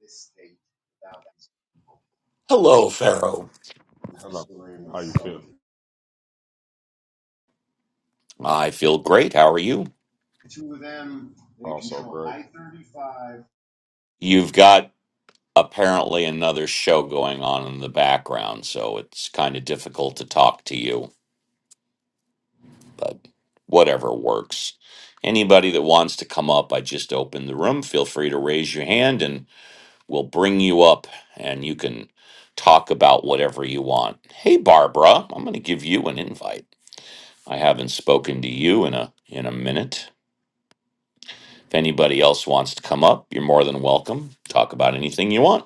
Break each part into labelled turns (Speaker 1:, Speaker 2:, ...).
Speaker 1: this state without his people
Speaker 2: Hello,
Speaker 1: and
Speaker 2: Pharaoh.
Speaker 1: Hello. How you feel?
Speaker 2: I feel great. How are you?
Speaker 1: the two of them, they Also control great. I-35
Speaker 2: You've got apparently another show going on in the background, so it's kind of difficult to talk to you, but whatever works. Anybody that wants to come up, I just opened the room. Feel free to raise your hand and we'll bring you up and you can talk about whatever you want. Hey Barbara, I'm going to give you an invite. I haven't spoken to you in a in a minute. If anybody else wants to come up, you're more than welcome. Talk about anything you want.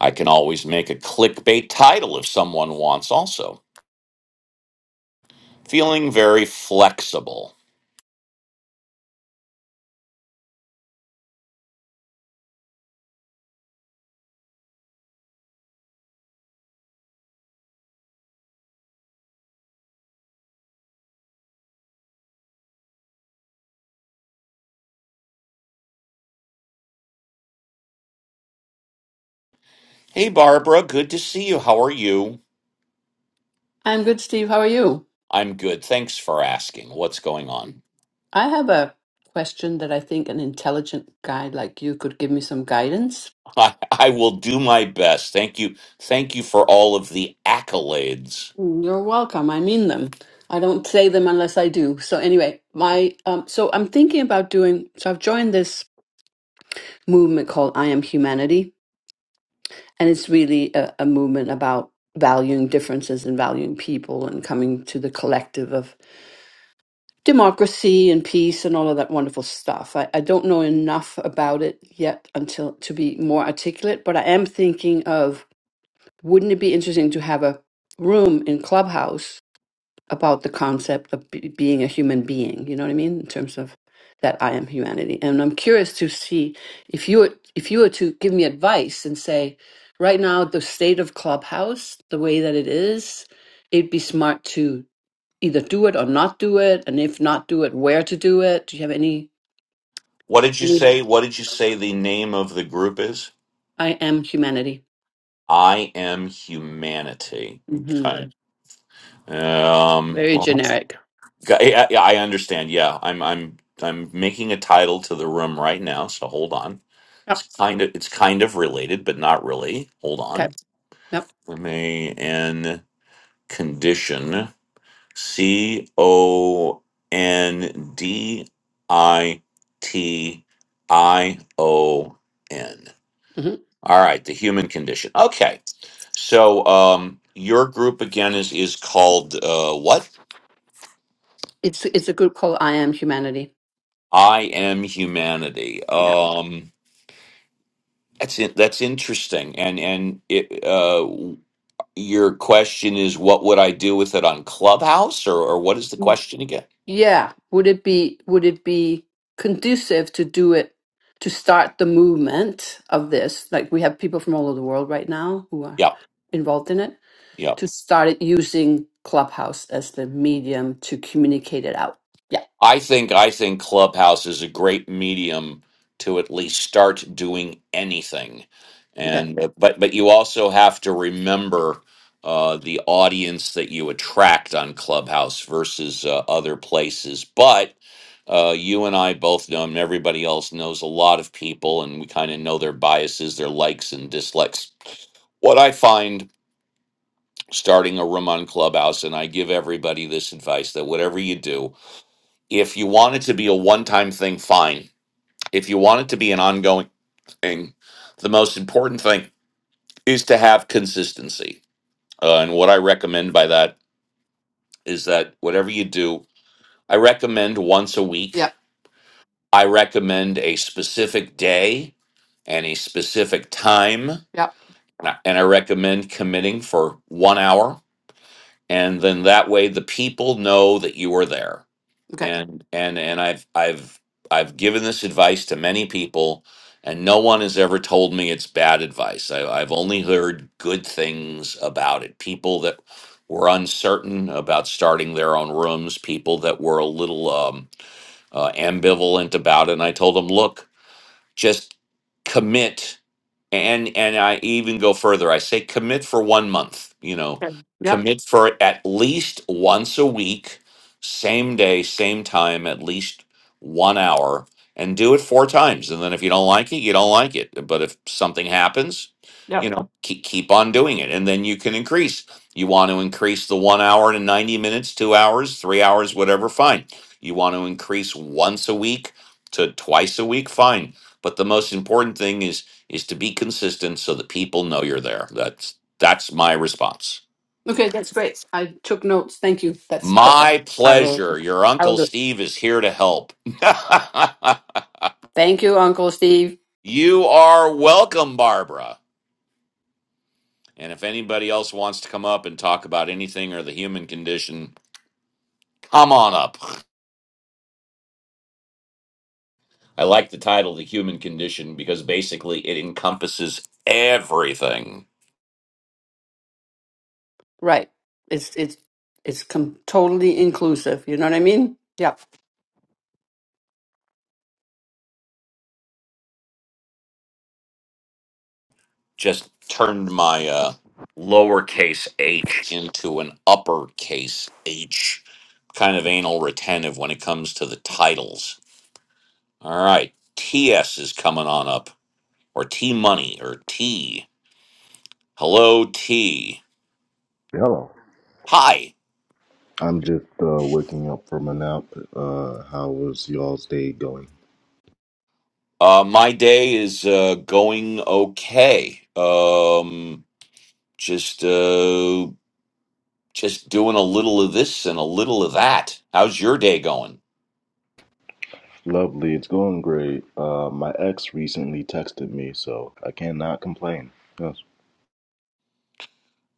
Speaker 2: I can always make a clickbait title if someone wants, also. Feeling very flexible. Hey, Barbara, good to see you. How are you?
Speaker 3: I'm good, Steve. How are you?
Speaker 2: I'm good. Thanks for asking. What's going on?
Speaker 3: I have a question that I think an intelligent guy like you could give me some guidance.
Speaker 2: I, I will do my best. Thank you. Thank you for all of the accolades.
Speaker 3: Mm, You're welcome. I mean them. I don't say them unless I do. So anyway, my um, so I'm thinking about doing. So I've joined this movement called I Am Humanity, and it's really a, a movement about valuing differences and valuing people and coming to the collective of democracy and peace and all of that wonderful stuff. I, I don't know enough about it yet until to be more articulate, but I am thinking of wouldn't it be interesting to have a room in Clubhouse about the concept of be being a human being? You know what I mean? In terms of that I am humanity, and I'm curious to see if you were, if you were to give me advice and say right now the state of Clubhouse, the way that it is, it'd be smart to either do it or not do it, and if not do it, where to do it. Do you have any
Speaker 2: What did you
Speaker 3: any?
Speaker 2: say? What did you say the name of the group is?
Speaker 3: I am humanity.
Speaker 2: I am humanity.
Speaker 3: hmm
Speaker 2: Okay. Um,
Speaker 3: Very
Speaker 2: well,
Speaker 3: generic.
Speaker 2: I, I I understand. Yeah, I'm I'm I'm making a title to the room right now. So hold on.
Speaker 3: Yep.
Speaker 2: It's kind of it's kind of related, but not really. Hold
Speaker 3: Okay.
Speaker 2: on.
Speaker 3: Yep.
Speaker 2: M A N condition C O N D I T I O N.
Speaker 3: hmm
Speaker 2: All right, the human condition. Okay, so um, your group again is is called uh, what?
Speaker 3: It's it's a group called I am humanity.
Speaker 2: I am humanity.
Speaker 3: Yeah.
Speaker 2: Um, That's in, that's interesting, and and it, uh, your question is, what would I do with it on Clubhouse, or or what is the
Speaker 3: Mm.
Speaker 2: question again?
Speaker 3: Yeah. Would it be would it be conducive to do it to start the movement of this? Like we have people from all over the world right now who are
Speaker 2: Yeah,
Speaker 3: involved in it to start it using Clubhouse as the medium to communicate it out. Yeah.
Speaker 2: I think I think Clubhouse is a great medium to at least start doing anything,
Speaker 3: Okay.
Speaker 2: and uh, but but you also have to remember uh, the audience that you attract on Clubhouse versus uh, other places. But uh, you and I both know, and everybody else knows a lot of people, and we kind of know their biases, their likes and dislikes. What I find starting a room on Clubhouse, and I give everybody this advice that whatever you do if you want it to be a one time thing, fine. If you want it to be an ongoing thing, the most important thing is to have consistency. Uh, and what I recommend by that is that whatever you do, I recommend once a week.
Speaker 3: Yeah.
Speaker 2: I recommend a specific day and a specific time.
Speaker 3: Yeah.
Speaker 2: And I and I recommend committing for one hour. And then that way the people know that you are there
Speaker 3: Okay.
Speaker 2: and and and I've I've I've given this advice to many people, and no one has ever told me it's bad advice. I, I've only heard good things about it. People that were uncertain about starting their own rooms, people that were a little um, uh, ambivalent about it, and I told them, look just commit and and i even go further i say commit for one month you know
Speaker 3: Yep.
Speaker 2: commit for at least once a week same day same time at least one hour and do it four times and then if you don't like it you don't like it but if something happens you
Speaker 3: Yep.
Speaker 2: know keep, keep on doing it and then you can increase you want to increase the one hour to 90 minutes two hours three hours whatever fine you want to increase once a week to twice a week fine but the most important thing is is to be consistent so that people know you're there. That's that's my response.
Speaker 3: Okay, that's great. I took notes. Thank you. That's perfect.
Speaker 2: My
Speaker 3: I will.
Speaker 2: pleasure. Your
Speaker 3: I will
Speaker 2: uncle
Speaker 3: do. it.
Speaker 2: Steve is here to help.
Speaker 3: Thank you, Uncle Steve.
Speaker 2: you are welcome, Barbara. And if anybody else wants to come up and talk about anything or the human condition, come on up. I like the title The Human Condition because basically it encompasses everything.
Speaker 3: Right. It's it's it's com- totally inclusive. You know what I mean? Yep.
Speaker 2: just turned my uh, lowercase h into an uppercase h. Kind of anal retentive when it comes to the titles. All right, TS is coming on up, or T Money, or T. Hello, T.
Speaker 4: Hello.
Speaker 2: Hi.
Speaker 4: I'm just uh, waking up from a nap. Uh, how was y'all's day going?
Speaker 2: Uh, my day is uh, going okay. Um, just uh, just doing a little of this and a little of that. How's your day going?
Speaker 4: Lovely. It's going great. Uh, my ex recently texted me, so I cannot complain. Yes.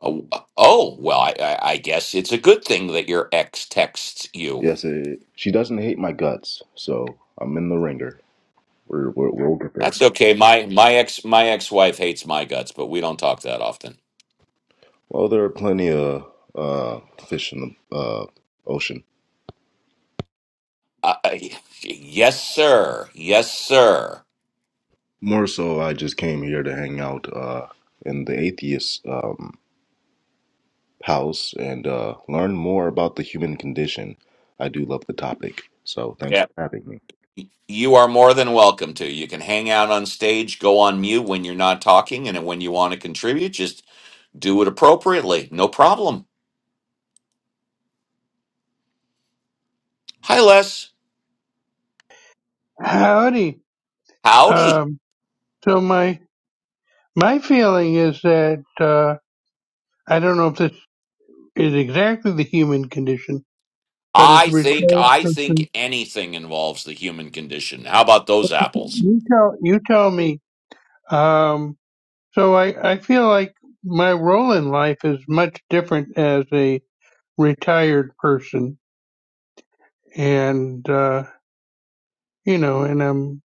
Speaker 2: Oh, oh, well, I, I, I guess it's a good thing that your ex texts you.
Speaker 4: Yes. It, she doesn't hate my guts, so I'm in the ringer. We're, we're, we'll get there.
Speaker 2: That's okay. My my ex my ex wife hates my guts, but we don't talk that often.
Speaker 4: Well, there are plenty of uh, fish in the uh, ocean.
Speaker 2: Uh, I- yes, sir. Yes, sir.
Speaker 4: More so, I just came here to hang out uh, in the atheist. um, house and uh, learn more about the human condition. I do love the topic, so thanks
Speaker 2: Yeah.
Speaker 4: for having me.
Speaker 2: You are more than welcome to. You can hang out on stage, go on mute when you're not talking, and when you want to contribute, just do it appropriately. No problem. Hi, Les.
Speaker 5: Howdy.
Speaker 2: Howdy.
Speaker 5: Um, so my my feeling is that uh, I don't know if this is exactly the human condition, but as
Speaker 2: I
Speaker 5: a
Speaker 2: think
Speaker 5: retired
Speaker 2: I
Speaker 5: person,
Speaker 2: think anything involves the human condition. How about those apples?
Speaker 5: you tell you tell me. Um, so I I feel like my role in life is much different as a retired person, and uh, you know, and I'm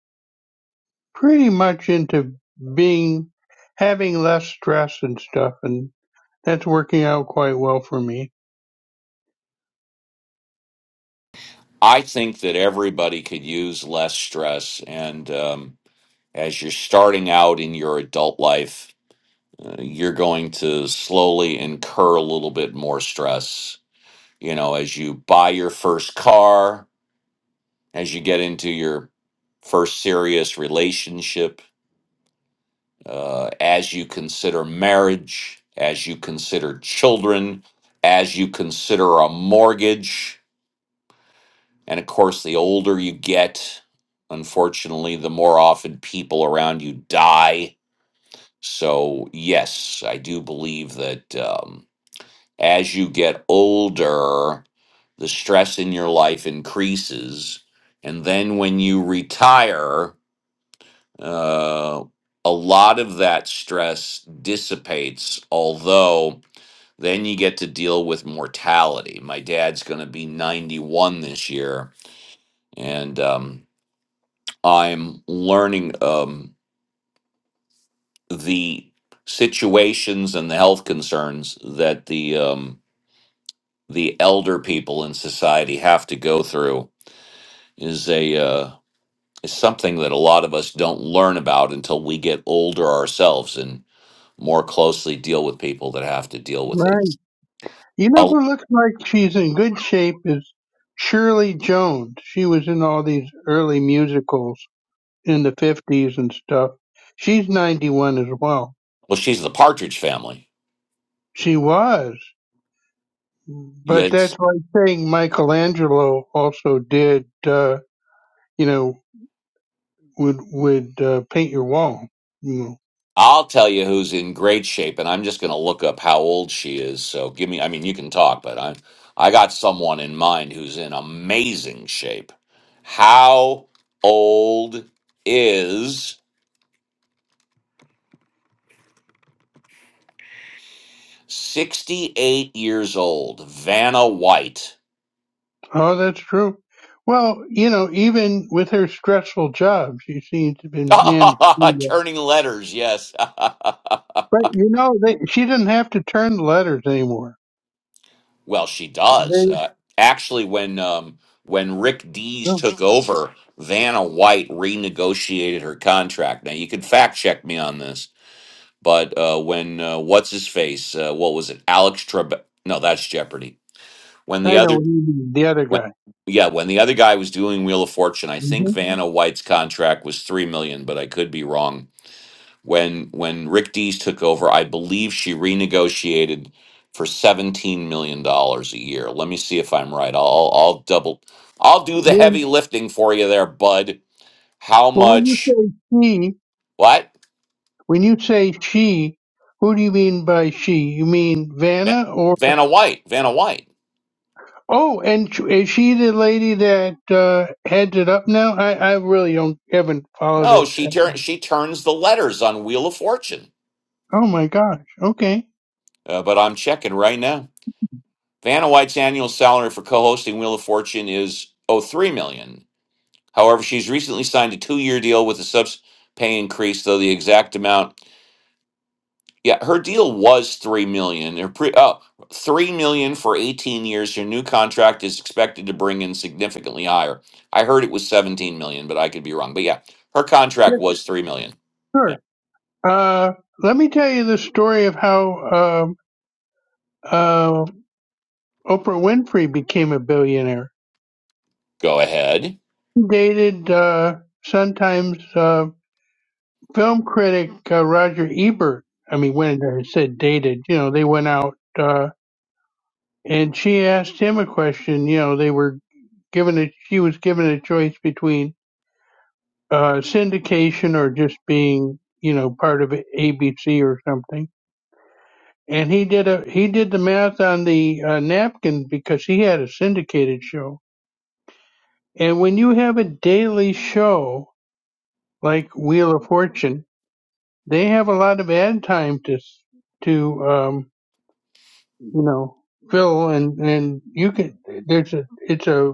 Speaker 5: pretty much into being having less stress and stuff, and that's working out quite well for me.
Speaker 2: I think that everybody could use less stress. And um, as you're starting out in your adult life, uh, you're going to slowly incur a little bit more stress. You know, as you buy your first car, as you get into your first serious relationship, uh, as you consider marriage, as you consider children, as you consider a mortgage And of course, the older you get, unfortunately, the more often people around you die. So, yes, I do believe that um, as you get older, the stress in your life increases. And then when you retire, uh, a lot of that stress dissipates, although then you get to deal with mortality. My dad's going to be 91 this year. And um, I'm learning um, the situations and the health concerns that the um, the elder people in society have to go through is a uh, is something that a lot of us don't learn about until we get older ourselves and more closely deal with people that have to deal with
Speaker 5: right.
Speaker 2: it.
Speaker 5: You know
Speaker 2: Oh,
Speaker 5: who looks like she's in good shape is Shirley Jones. She was in all these early musicals in the 50s and stuff. She's 91 as well.
Speaker 2: well, she's the Partridge Family.
Speaker 5: She was. But
Speaker 2: Yeah,
Speaker 5: that's like saying Michelangelo also did, uh, you know, would, would uh, paint your wall. You know,
Speaker 2: I'll tell you who's in great shape, and I'm just going to look up how old she is. So give me, I mean, you can talk, but I, I got someone in mind who's in amazing shape. How old is 68 years old, Vanna White?
Speaker 5: Oh, that's true. Well, you know, even with her stressful job, she seems to have been managed. pretty well.
Speaker 2: Turning letters, yes.
Speaker 5: But you know, they, she doesn't have to turn the letters anymore
Speaker 2: Well, she does.
Speaker 5: They,
Speaker 2: Uh, actually, when um, when Rick Dees
Speaker 5: oh,
Speaker 2: took over, Vanna White renegotiated her contract. Now, you can fact check me on this, but uh, when uh, what's his face? Uh, what was it? Alex Trebek? No, that's Jeopardy. When the
Speaker 5: I know
Speaker 2: other
Speaker 5: what you mean, the other
Speaker 2: when
Speaker 5: guy.
Speaker 2: yeah, when the other guy was doing Wheel of Fortune, I
Speaker 5: hmm
Speaker 2: think Vanna White's contract was three million, but I could be wrong. When when Rick Dees took over, I believe she renegotiated for seventeen million dollars a year. Let me see if I'm right. I'll I'll double. I'll do the heavy
Speaker 5: When,
Speaker 2: lifting for you there, bud. How
Speaker 5: well, when you
Speaker 2: much?
Speaker 5: say she,
Speaker 2: What?
Speaker 5: when you say she, who do you mean by she? You mean
Speaker 2: Va-
Speaker 5: Vanna or?
Speaker 2: Vanna White. Vanna White.
Speaker 5: Oh, and sh- is she the lady that uh, heads it up now? I, I really don't haven't followed
Speaker 2: No,
Speaker 5: it.
Speaker 2: she turn she turns the letters on Wheel of Fortune.
Speaker 5: Oh my gosh. Okay.
Speaker 2: Uh, but I'm checking right now. Vanna White's annual salary for co-hosting Wheel of Fortune is oh three million. However, she's recently signed a two-year deal with a subs pay increase, though the exact amount Yeah, her deal was three million. Her pre oh, three million for eighteen years. Your new contract is expected to bring in significantly higher. I heard it was seventeen million, but I could be wrong. But yeah, her contract
Speaker 5: Yes,
Speaker 2: was three million. Yeah,
Speaker 5: sure. Uh, let me tell you the story of how um, uh, Oprah Winfrey became a billionaire.
Speaker 2: go ahead.
Speaker 5: dated uh, sometimes. Uh, film critic uh, Roger Ebert, I mean, when I said dated, you know, they went out uh, and she asked him a question. You know, they were given a, she was given a choice between uh, syndication or just being, you know, part of ABC or something. And he did a he did the math on the uh, napkin because he had a syndicated show. And when you have a daily show like Wheel of Fortune, they have a lot of ad time to s- to um, you know, Phil, and and you can. There's a. It's a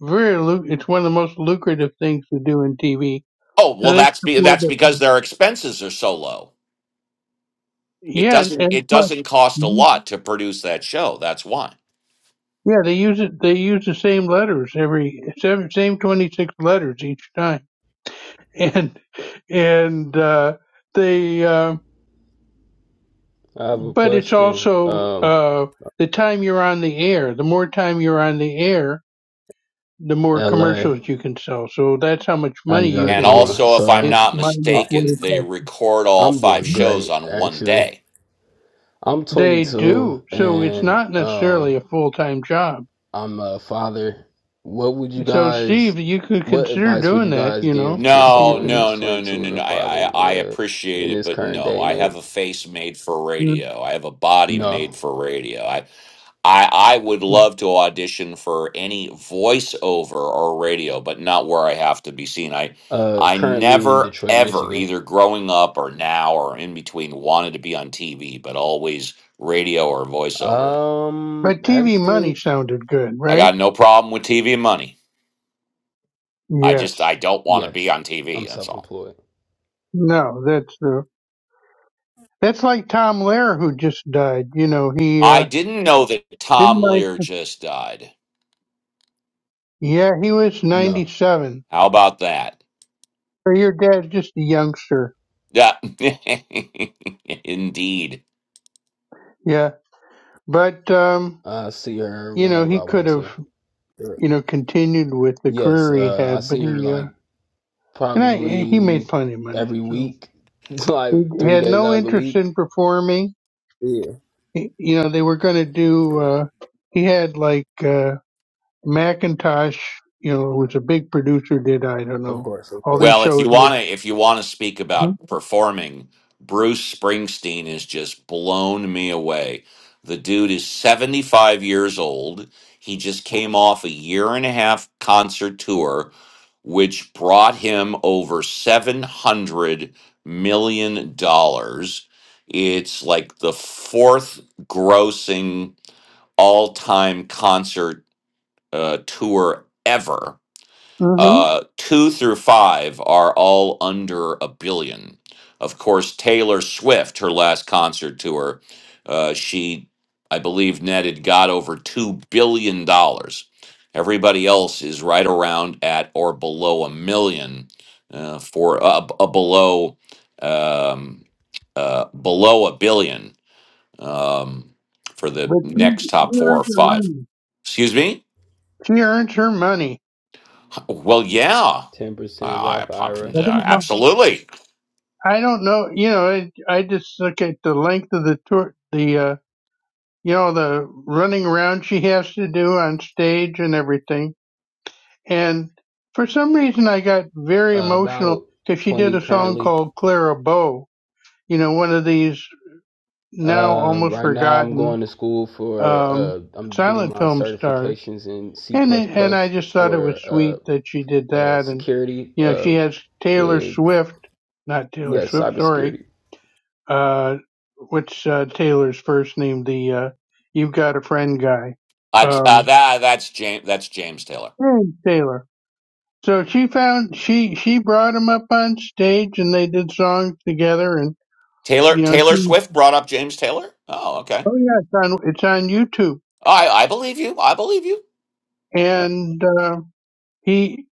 Speaker 5: very. lu- It's one of the most lucrative things to do in TV.
Speaker 2: Oh
Speaker 5: So
Speaker 2: well,
Speaker 5: they can
Speaker 2: that's be
Speaker 5: afford
Speaker 2: that's
Speaker 5: it.
Speaker 2: because their expenses are so low. It
Speaker 5: Yeah, and
Speaker 2: doesn't
Speaker 5: and
Speaker 2: it
Speaker 5: plus,
Speaker 2: doesn't cost a
Speaker 5: Mhm.
Speaker 2: lot to produce that show. That's why.
Speaker 5: yeah, they use it. They use the same letters every seven, same twenty six letters each time, and and uh, they. Uh,
Speaker 6: I have a
Speaker 5: but it's
Speaker 6: question.
Speaker 5: also
Speaker 6: Um,
Speaker 5: uh, the time you're on the air. The more time you're on the air, the more
Speaker 6: LA,
Speaker 5: commercials you can sell. So that's how much
Speaker 6: how
Speaker 5: money
Speaker 6: you
Speaker 5: you
Speaker 6: guys
Speaker 2: And
Speaker 5: can make.
Speaker 6: doing?
Speaker 2: also, if I'm
Speaker 5: It
Speaker 6: So,
Speaker 2: not
Speaker 5: minus
Speaker 6: I-
Speaker 5: what
Speaker 2: mistaken,
Speaker 5: it
Speaker 2: they record all
Speaker 6: I'm
Speaker 2: five
Speaker 6: doing
Speaker 5: costs.
Speaker 2: shows
Speaker 6: great,
Speaker 2: on one
Speaker 6: actually.
Speaker 2: day.
Speaker 6: I'm
Speaker 5: They
Speaker 6: 22
Speaker 5: do. So it's
Speaker 6: and
Speaker 5: not necessarily a
Speaker 6: um,
Speaker 5: full time job.
Speaker 6: I'm a father. What would you
Speaker 5: So
Speaker 6: guys,
Speaker 5: Steve, you could
Speaker 6: what
Speaker 5: consider
Speaker 6: advice would
Speaker 5: doing
Speaker 6: you
Speaker 5: that,
Speaker 6: guys
Speaker 5: you
Speaker 6: give
Speaker 5: know,
Speaker 6: to
Speaker 5: if
Speaker 2: No,
Speaker 5: you
Speaker 6: someone
Speaker 5: can.
Speaker 6: who's
Speaker 2: no, no, no,
Speaker 6: 22
Speaker 2: no,
Speaker 6: and a
Speaker 2: no.
Speaker 6: father
Speaker 2: I, I, I
Speaker 6: uh,
Speaker 2: appreciate
Speaker 6: in
Speaker 2: it,
Speaker 6: this
Speaker 2: but
Speaker 6: current
Speaker 2: no,
Speaker 6: day and
Speaker 2: I have
Speaker 6: age?
Speaker 2: a face made for radio. I have a body
Speaker 6: No.
Speaker 2: made for radio. I, I, I would love to audition for any voiceover or radio, but not where I have to be seen. I,
Speaker 6: Uh,
Speaker 2: I
Speaker 6: currently in
Speaker 2: never
Speaker 6: Detroit,
Speaker 2: ever,
Speaker 6: Michigan.
Speaker 2: either growing up or now or in between, wanted to be on TV, but always radio or voiceover.
Speaker 5: But
Speaker 6: Um,
Speaker 5: TV money
Speaker 6: actually,
Speaker 5: sounded good,
Speaker 2: I
Speaker 5: right?
Speaker 2: got no problem with TV money. I
Speaker 5: Yes.
Speaker 2: just, I don't want to be
Speaker 6: yes.
Speaker 2: on TV.
Speaker 6: I'm
Speaker 2: That's all.
Speaker 6: self-employed.
Speaker 5: No, that's true. That's like Tom Lehrer who just died. You know, he
Speaker 2: I
Speaker 5: uh,
Speaker 2: didn't know that
Speaker 5: didn't
Speaker 2: Tom Lear
Speaker 5: like.
Speaker 2: just died.
Speaker 5: Yeah, he was ninety
Speaker 6: No.
Speaker 5: seven.
Speaker 2: How about that?
Speaker 5: So your dad's just a youngster.
Speaker 2: Yeah. Indeed.
Speaker 5: Yeah, but um,
Speaker 6: I see her
Speaker 5: you know,
Speaker 6: whenever
Speaker 5: he
Speaker 6: I
Speaker 5: could
Speaker 6: want
Speaker 5: have,
Speaker 6: to. Sure.
Speaker 5: you know, continued with the
Speaker 6: Yes,
Speaker 5: career he
Speaker 6: uh, I
Speaker 5: had, but
Speaker 6: see her
Speaker 5: he, uh,
Speaker 6: like
Speaker 5: and I, he made
Speaker 6: probably
Speaker 5: plenty of money.
Speaker 6: every
Speaker 5: So
Speaker 6: week, like
Speaker 5: he
Speaker 6: three
Speaker 5: had
Speaker 6: days
Speaker 5: no
Speaker 6: out of the
Speaker 5: interest
Speaker 6: week.
Speaker 5: in performing.
Speaker 6: Yeah,
Speaker 5: He, you know, they were going to do, uh, he had like, uh, Macintosh, you know, who was a big producer, did, I don't
Speaker 6: of
Speaker 5: know,
Speaker 6: course, of
Speaker 5: all
Speaker 6: course.
Speaker 5: these
Speaker 2: Well, if you
Speaker 5: shows.
Speaker 2: want to, if you want to speak about performing, Bruce Springsteen has just blown me away. The dude is 75 years old. He just came off a year and a half concert tour, which brought him over $700 million. dollars. It's like the fourth grossing all time concert uh, tour ever
Speaker 5: Mm-hmm.
Speaker 2: uh, two through five are all under a billion. Of course, Taylor Swift, her last concert tour, uh, she, I believe, netted got over $2 billion. dollars. Everybody else is right around at or below a million uh, for a, a below um, uh, below a billion um, for the
Speaker 5: But she,
Speaker 2: next top
Speaker 5: she
Speaker 2: four or
Speaker 5: earns her
Speaker 2: five.
Speaker 5: money.
Speaker 2: Excuse me?
Speaker 5: She earns her money.
Speaker 2: Well, yeah,
Speaker 6: Ten percent
Speaker 2: I, I
Speaker 6: Roth
Speaker 2: popped
Speaker 6: IRA,
Speaker 5: I
Speaker 2: into
Speaker 5: don't know.
Speaker 2: absolutely.
Speaker 5: I don't know. You know, I, I just look at the length of the tour, the, uh, you know, the running around she has to do on stage and everything. And for some reason, I got very
Speaker 6: uh,
Speaker 5: emotional
Speaker 6: about
Speaker 5: because she did
Speaker 6: twenty
Speaker 5: a song
Speaker 6: currently.
Speaker 5: called Clara Bow, you know, one of these now
Speaker 6: Uh,
Speaker 5: almost
Speaker 6: right now I'm
Speaker 5: forgotten
Speaker 6: going to school for
Speaker 5: um,
Speaker 6: uh, I'm getting
Speaker 5: silent
Speaker 6: my
Speaker 5: film stars.
Speaker 6: certifications in C
Speaker 5: And
Speaker 6: plus
Speaker 5: it, and I
Speaker 6: plus
Speaker 5: just thought it was
Speaker 6: for
Speaker 5: sweet
Speaker 6: uh,
Speaker 5: that she did
Speaker 6: uh,
Speaker 5: that. And,
Speaker 6: security.
Speaker 5: you know,
Speaker 6: Uh,
Speaker 5: she has Taylor
Speaker 6: it,
Speaker 5: Swift, not Taylor
Speaker 6: yes,
Speaker 5: Swift, sorry.
Speaker 6: cybersecurity.
Speaker 5: Uh, what's uh, Taylor's first name? The uh, You've Got a Friend guy.
Speaker 2: Uh, uh,
Speaker 5: Um,
Speaker 2: that that's James. That's James Taylor.
Speaker 5: and Taylor. So she found she she brought him up on stage and they did songs together and
Speaker 2: Taylor
Speaker 5: you know
Speaker 2: Taylor
Speaker 5: she,
Speaker 2: Swift brought up James Taylor. Oh, okay.
Speaker 5: oh yeah it's on it's on YouTube
Speaker 2: I I believe you. I believe you. Yeah.
Speaker 5: and uh, he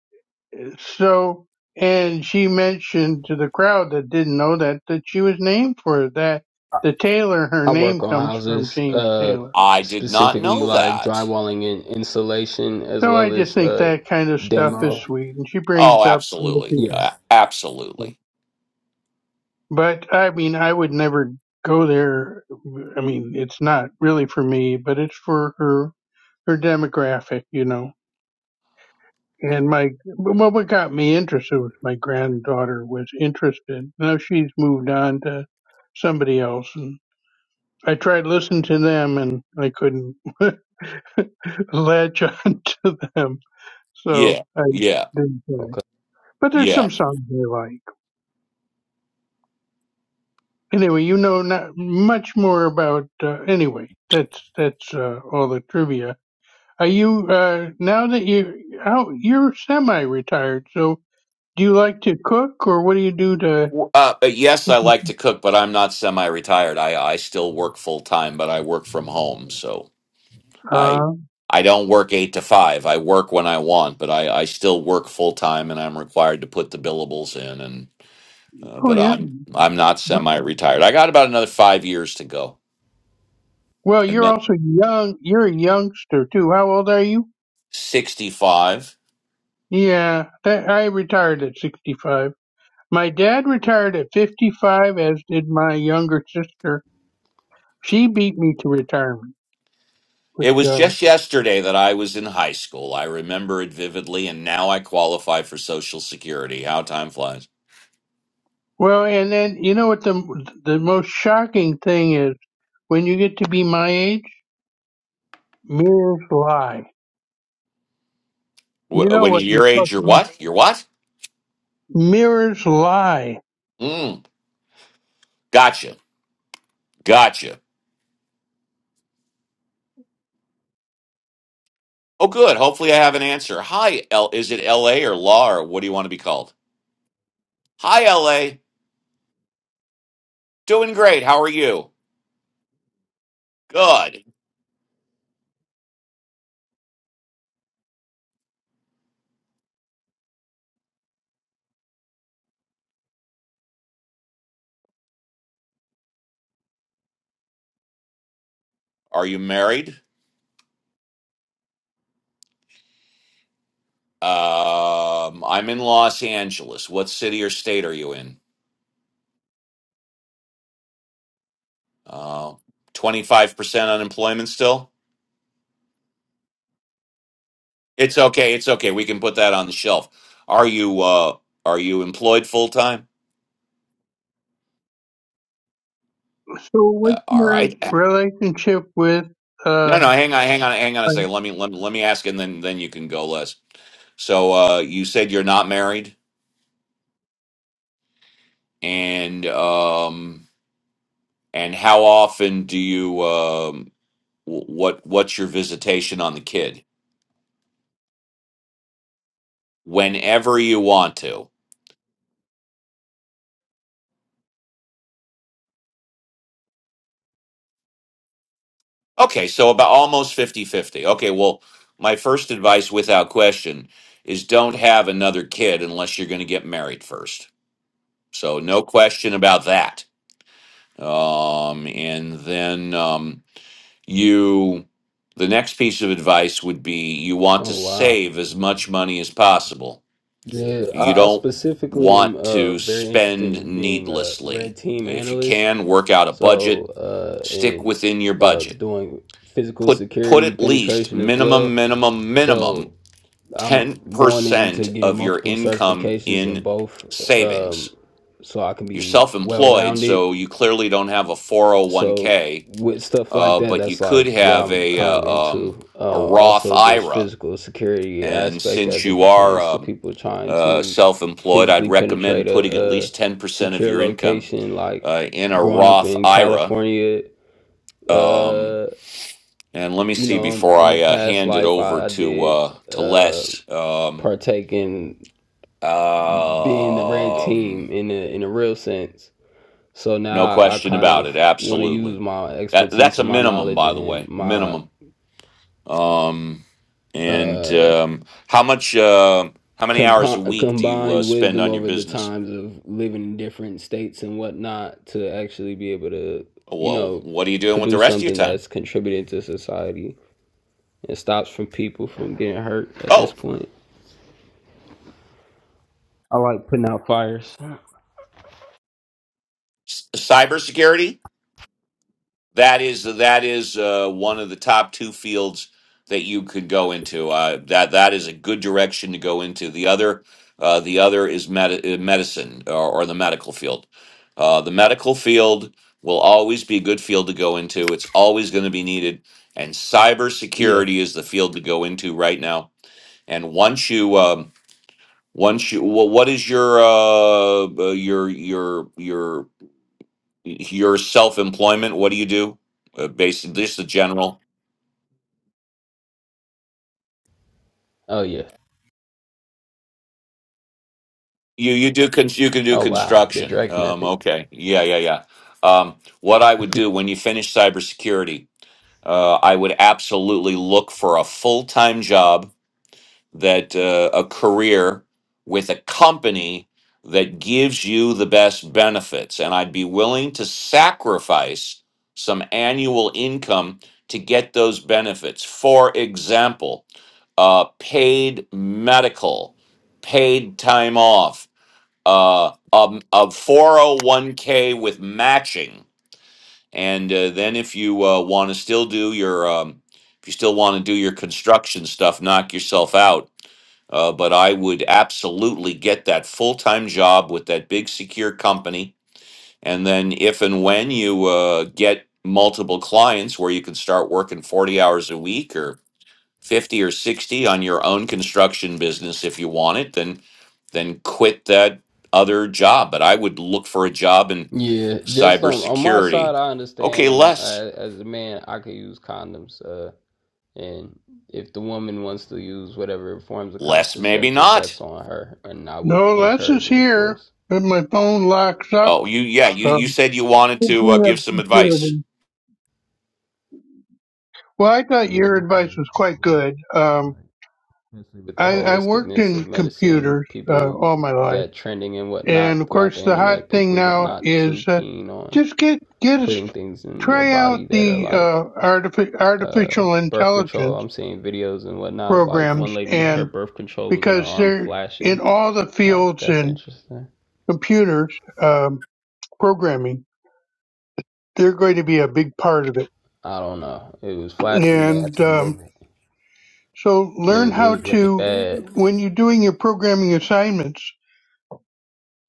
Speaker 5: so and she mentioned to the crowd that didn't know that that she was named for that the Taylor her
Speaker 6: I
Speaker 5: name
Speaker 6: work on
Speaker 5: comes from
Speaker 6: houses,
Speaker 5: James
Speaker 6: uh,
Speaker 5: Taylor.
Speaker 2: I did not
Speaker 6: specifically
Speaker 2: know
Speaker 6: like
Speaker 2: that.
Speaker 6: drywalling and insulation, as
Speaker 5: So I
Speaker 6: well
Speaker 5: just
Speaker 6: as
Speaker 5: think
Speaker 6: uh,
Speaker 5: that kind of stuff is
Speaker 6: demo.
Speaker 5: sweet and she
Speaker 2: Oh,
Speaker 5: brings up other
Speaker 2: absolutely.
Speaker 5: people.
Speaker 2: Yeah,
Speaker 6: Yes.
Speaker 2: absolutely.
Speaker 5: But I mean, I would never go there. I mean, it's not really for me, but it's for her her demographic, you know. And my well, what got me interested was my granddaughter was interested. Now she's moved on to somebody else, and I tried to listen to them, and I couldn't latch on to them, so
Speaker 2: Yeah.
Speaker 5: I
Speaker 2: Yeah.
Speaker 5: didn't try.
Speaker 6: Okay.
Speaker 5: But there's
Speaker 2: Yeah.
Speaker 5: some songs I like. Anyway, you know not much more about. Uh, anyway, that's that's uh, all the trivia. Are you uh, now that you out? You're semi-retired, so do you like to cook, or what do you do to?
Speaker 2: Uh, uh, yes, I like to cook, but I'm not semi-retired. I I still work full time, but I work from home. So. I
Speaker 5: Uh,
Speaker 2: I don't work eight to five. I work when I want, but I, I still work full time, and I'm required to put the billables in. And uh,
Speaker 5: oh
Speaker 2: but
Speaker 5: yeah.
Speaker 2: I'm I'm not semi retired. I got about another five years to go,
Speaker 5: Well,
Speaker 2: and
Speaker 5: you're
Speaker 2: then
Speaker 5: also young. You're a youngster too. How old are you?
Speaker 2: sixty five.
Speaker 5: Yeah, that, I retired at 65. My dad retired at 55, as did my younger sister. She beat me to retirement. which.
Speaker 2: It was
Speaker 5: um,
Speaker 2: just yesterday that I was in high school. I remember it vividly, and now I qualify for Social Security. How time flies.
Speaker 5: Well, and then you know what the the most shocking thing is when you get to be my age, mirrors lie. You
Speaker 2: Wh-
Speaker 5: know
Speaker 2: When you're
Speaker 5: what you're
Speaker 2: your age,
Speaker 5: supposed
Speaker 2: you're
Speaker 5: to
Speaker 2: what? You're what?
Speaker 5: Mirrors lie.
Speaker 2: Mm, gotcha. Gotcha. Oh, good. Hopefully, I have an answer. Hi, L. Is it L.A. or law or what do you want to be called? Hi, LA. Doing great. How are you? Good. Are you married? Um, I'm in Los Angeles. What city or state are you in? Uh, 25% unemployment still? It's okay. It's okay. We can put that on the shelf. Are you uh are you employed full time?
Speaker 5: So what's
Speaker 2: Uh, all
Speaker 5: your
Speaker 2: right.
Speaker 5: relationship with uh
Speaker 2: No, no, hang on, hang on, hang on a
Speaker 5: like,
Speaker 2: second. Let me let me, let me ask and then then you can go less. So uh you said you're not married and um and how often do you um wh- what what's your visitation on the kid whenever you want to okay so about almost fifty fifty. okay well my first advice without question is don't have another kid unless you're going to get married first so no question about that um, and then um, you the next piece of advice would be you want to
Speaker 6: Oh wow.
Speaker 2: save as much money as possible
Speaker 6: Yeah,
Speaker 2: You
Speaker 6: I, I
Speaker 2: don't
Speaker 6: specifically am
Speaker 2: want
Speaker 6: uh
Speaker 2: to
Speaker 6: very interested
Speaker 2: spend
Speaker 6: in being a red
Speaker 2: needlessly.
Speaker 6: team
Speaker 2: If you
Speaker 6: analyst.
Speaker 2: can, work out a
Speaker 6: So
Speaker 2: budget,
Speaker 6: uh,
Speaker 2: stick
Speaker 6: and
Speaker 2: within your
Speaker 6: uh,
Speaker 2: budget.
Speaker 6: doing physical
Speaker 2: Put put
Speaker 6: security
Speaker 2: at least
Speaker 6: penetration as
Speaker 2: minimum
Speaker 6: well.
Speaker 2: minimum
Speaker 6: So
Speaker 2: minimum
Speaker 6: I'm going into
Speaker 2: 10%
Speaker 6: getting
Speaker 2: of your
Speaker 6: multiple
Speaker 2: income
Speaker 6: certifications in
Speaker 2: in
Speaker 6: both, um,
Speaker 2: savings.
Speaker 6: so I can
Speaker 2: You're
Speaker 6: be well
Speaker 2: self-employed,
Speaker 6: rounded
Speaker 2: so you clearly don't have a
Speaker 6: so
Speaker 2: 401k,
Speaker 6: with stuff like
Speaker 2: uh,
Speaker 6: that
Speaker 2: but you
Speaker 6: that's
Speaker 2: could
Speaker 6: like what
Speaker 2: have
Speaker 6: i'm
Speaker 2: a
Speaker 6: kind of
Speaker 2: uh, um,
Speaker 6: into uh
Speaker 2: a Roth
Speaker 6: also just
Speaker 2: IRA
Speaker 6: physical security
Speaker 2: And
Speaker 6: aspect
Speaker 2: since
Speaker 6: as it
Speaker 2: you are
Speaker 6: pertains to
Speaker 2: um,
Speaker 6: people trying
Speaker 2: uh,
Speaker 6: to
Speaker 2: self employed, I'd
Speaker 6: physically
Speaker 2: recommend
Speaker 6: penetrate
Speaker 2: putting at
Speaker 6: a, a
Speaker 2: least 10% of
Speaker 6: secure
Speaker 2: your income
Speaker 6: location like
Speaker 2: uh, in a
Speaker 6: growing up
Speaker 2: Roth
Speaker 6: in
Speaker 2: IRA.
Speaker 6: california
Speaker 2: Um,
Speaker 6: uh
Speaker 2: and let me
Speaker 6: you
Speaker 2: see
Speaker 6: know um,
Speaker 2: before
Speaker 6: in a
Speaker 2: I uh,
Speaker 6: past
Speaker 2: hand it
Speaker 6: life
Speaker 2: over
Speaker 6: i, I
Speaker 2: to
Speaker 6: did
Speaker 2: uh, to
Speaker 6: uh
Speaker 2: Les. Um,
Speaker 6: partake in being the red team
Speaker 2: um,
Speaker 6: in a in a real sense so
Speaker 2: no
Speaker 6: now i, I
Speaker 2: question
Speaker 6: kind
Speaker 2: about it.
Speaker 6: of want to use
Speaker 2: Absolutely.
Speaker 6: my
Speaker 2: That that's
Speaker 6: expertise
Speaker 2: a
Speaker 6: and my
Speaker 2: minimum,
Speaker 6: knowledge
Speaker 2: by the
Speaker 6: and
Speaker 2: way.
Speaker 6: my
Speaker 2: Minimum. Um, and
Speaker 6: uh
Speaker 2: um, how much? Uh, how many hours a
Speaker 6: compo-
Speaker 2: week do you uh,
Speaker 6: combined
Speaker 2: spend
Speaker 6: wisdom
Speaker 2: on your
Speaker 6: over the
Speaker 2: business?
Speaker 6: times of living in different states and whatnot to actually be able to you
Speaker 2: Well,
Speaker 6: know
Speaker 2: what are you doing with the
Speaker 6: produce
Speaker 2: rest of your
Speaker 6: something
Speaker 2: time?
Speaker 6: that's contributing to society and stops from people from getting hurt at this
Speaker 2: Oh,
Speaker 6: point i like putting out fires
Speaker 2: c- cybersecurity. That is that is uh, one of the top two fields that you could go into. Uh, that that is a good direction to go into. The other uh, the other is med- uh, medicine or, or the medical field. Uh, the medical field will always be a good field to go into. It's always going to be needed, and
Speaker 6: yeah
Speaker 2: cybersecurity is the field to go into right now. And once you um, Once you, wha- what is your uh uh, your your your your self employment? What do you do? Uh, basically, just the general.
Speaker 6: oh yeah
Speaker 2: You you do con- you can do
Speaker 6: oh wow the
Speaker 2: construction.
Speaker 6: drake
Speaker 2: Um,
Speaker 6: method
Speaker 2: okay, yeah, yeah, yeah. Um, what I would do when you finish cybersecurity, uh, I would absolutely look for a full time job that uh, a career with a company that gives you the best benefits and i'd be willing to sacrifice some annual income to get those benefits for example uh, paid medical paid time off uh, um, a 401k with matching and uh, then if you uh, want to still do your um, if you still want to do your construction stuff knock yourself out uh, but I would absolutely get that full time job with that big secure company. And then, if and when you uh, get multiple clients where you can start working 40 hours a week or 50 or 60 on your own construction business if you want it, then then quit that other job. But I would look for a job in
Speaker 6: yeah just on on my
Speaker 2: cybersecurity.
Speaker 6: side i
Speaker 2: Okay,
Speaker 6: understand on my,
Speaker 2: less.
Speaker 6: as as a man i could use condoms Uh. And if the woman wants to use whatever forms of
Speaker 2: Less, maybe
Speaker 6: contraceptive, that's
Speaker 2: not.
Speaker 6: on her. And I would
Speaker 5: no
Speaker 6: encourage
Speaker 5: lessons
Speaker 6: it, of
Speaker 5: here
Speaker 6: course.
Speaker 5: and my phone locks up.
Speaker 2: Oh, you, yeah, you, you
Speaker 5: Um
Speaker 2: said you wanted to uh,
Speaker 5: speaking of
Speaker 2: give some advice.
Speaker 5: security. Well I thought your advice was quite good. Um
Speaker 6: With the
Speaker 5: I, I worked
Speaker 6: holisticness of
Speaker 5: in
Speaker 6: medicine,
Speaker 5: computers uh,
Speaker 6: people
Speaker 5: all my life
Speaker 6: that trending and
Speaker 5: And
Speaker 6: whatnot
Speaker 5: of
Speaker 6: throughout
Speaker 5: course,
Speaker 6: the
Speaker 5: the
Speaker 6: internet,
Speaker 5: hot thing
Speaker 6: people that
Speaker 5: now
Speaker 6: not too
Speaker 5: is uh,
Speaker 6: keen on
Speaker 5: just get get us
Speaker 6: putting things in their
Speaker 5: try out
Speaker 6: body that are
Speaker 5: the
Speaker 6: like
Speaker 5: uh, artifi-
Speaker 6: uh,
Speaker 5: artificial
Speaker 6: birth control.
Speaker 5: intelligence
Speaker 6: I'm seeing videos and whatnot of like one
Speaker 5: programs,
Speaker 6: lady, her
Speaker 5: and
Speaker 6: birth control was in her
Speaker 5: because
Speaker 6: arm
Speaker 5: they're in
Speaker 6: flashing.
Speaker 5: all the
Speaker 6: Like,
Speaker 5: fields
Speaker 6: that's
Speaker 5: in
Speaker 6: interesting.
Speaker 5: computers um, programming, they're going to be a big part of it.
Speaker 6: I don't know. It was flashing. They had
Speaker 5: And
Speaker 6: to
Speaker 5: um,
Speaker 6: remove it.
Speaker 5: so,
Speaker 6: And it
Speaker 5: learn
Speaker 6: was, it
Speaker 5: how
Speaker 6: was looking
Speaker 5: to
Speaker 6: bad.
Speaker 5: when you're doing your programming assignments,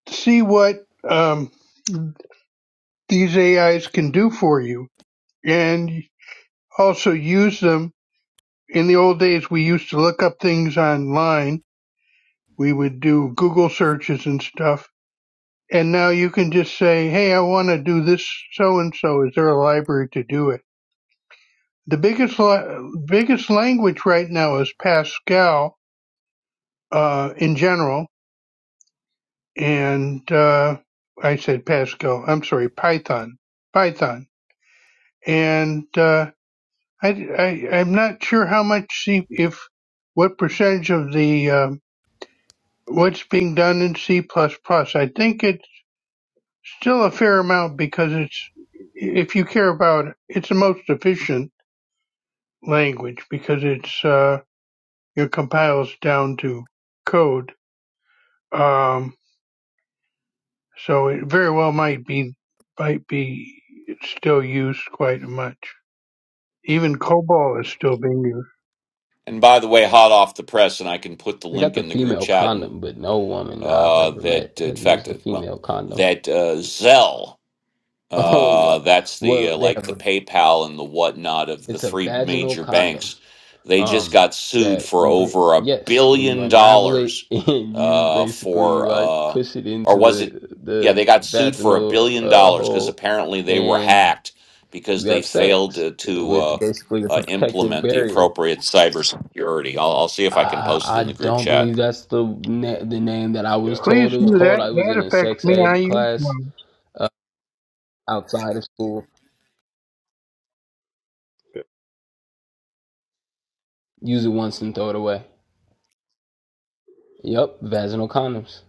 Speaker 5: see what um, these AIs can do for you, and also use them in the old days we used to look up things online we would do google searches and stuff and now you can just say hey i want to do this so and so is there a library to do it the biggest la- biggest language right now is pascal uh, in general and uh, i said pascal i'm sorry python python and uh, I, I i'm not sure how much C- if what percentage of the um, what's being done in C++. I think it's still a fair amount because it's, if you care about it, it's the most efficient language because it's, uh, it compiles down to code. Um, so it very well might be, might be still used quite much. Even COBOL is still being used.
Speaker 2: And by the way, hot off the press, and I can put the
Speaker 6: They got
Speaker 2: link
Speaker 6: the
Speaker 2: in the group
Speaker 6: female
Speaker 2: chat, and
Speaker 6: condom, but no woman I've
Speaker 2: uh,
Speaker 6: ever met
Speaker 2: that in
Speaker 6: has used
Speaker 2: fact, uh,
Speaker 6: the
Speaker 2: well,
Speaker 6: female condom.
Speaker 2: that uh, Zell.
Speaker 6: Oh, wow.
Speaker 2: Uh, that's the
Speaker 6: well,
Speaker 2: uh,
Speaker 6: they
Speaker 2: like
Speaker 6: have.
Speaker 2: the
Speaker 6: A,
Speaker 2: PayPal and the whatnot of the
Speaker 6: it's a
Speaker 2: three
Speaker 6: vaginal
Speaker 2: major
Speaker 6: condom.
Speaker 2: banks. They just
Speaker 6: Um,
Speaker 2: got sued
Speaker 6: that
Speaker 2: for
Speaker 6: you ba-
Speaker 2: over a
Speaker 6: yes, and you
Speaker 2: billion
Speaker 6: unravel it,
Speaker 2: dollars
Speaker 6: and you
Speaker 2: uh,
Speaker 6: basically
Speaker 2: for,
Speaker 6: like
Speaker 2: uh,
Speaker 6: push it
Speaker 2: or
Speaker 6: into
Speaker 2: was it?
Speaker 6: the
Speaker 2: Yeah,
Speaker 6: the
Speaker 2: they got sued for a
Speaker 6: vaginal
Speaker 2: billion
Speaker 6: uh,
Speaker 2: dollars because
Speaker 6: hole,
Speaker 2: apparently they were
Speaker 6: and
Speaker 2: hacked because
Speaker 6: you
Speaker 2: they
Speaker 6: have
Speaker 2: failed
Speaker 6: sex
Speaker 2: to, to
Speaker 6: with
Speaker 2: uh,
Speaker 6: basically a
Speaker 2: uh,
Speaker 6: protective
Speaker 2: implement the
Speaker 6: barrier.
Speaker 2: appropriate cybersecurity. I'll, I'll see if I can
Speaker 6: Uh,
Speaker 2: post it
Speaker 6: I
Speaker 2: in the group
Speaker 6: don't
Speaker 2: chat.
Speaker 6: believe that's the na- the name that I was
Speaker 7: Yeah.
Speaker 6: told
Speaker 5: Please
Speaker 6: it was
Speaker 5: do
Speaker 7: Um,
Speaker 6: called.
Speaker 5: that.
Speaker 6: I was in
Speaker 5: That
Speaker 6: a
Speaker 5: affects
Speaker 6: sex
Speaker 5: me. I
Speaker 6: ed
Speaker 5: use one.
Speaker 6: class outside of school.
Speaker 7: yeah.
Speaker 6: Use it once and throw it away. Yep, vaginal condoms.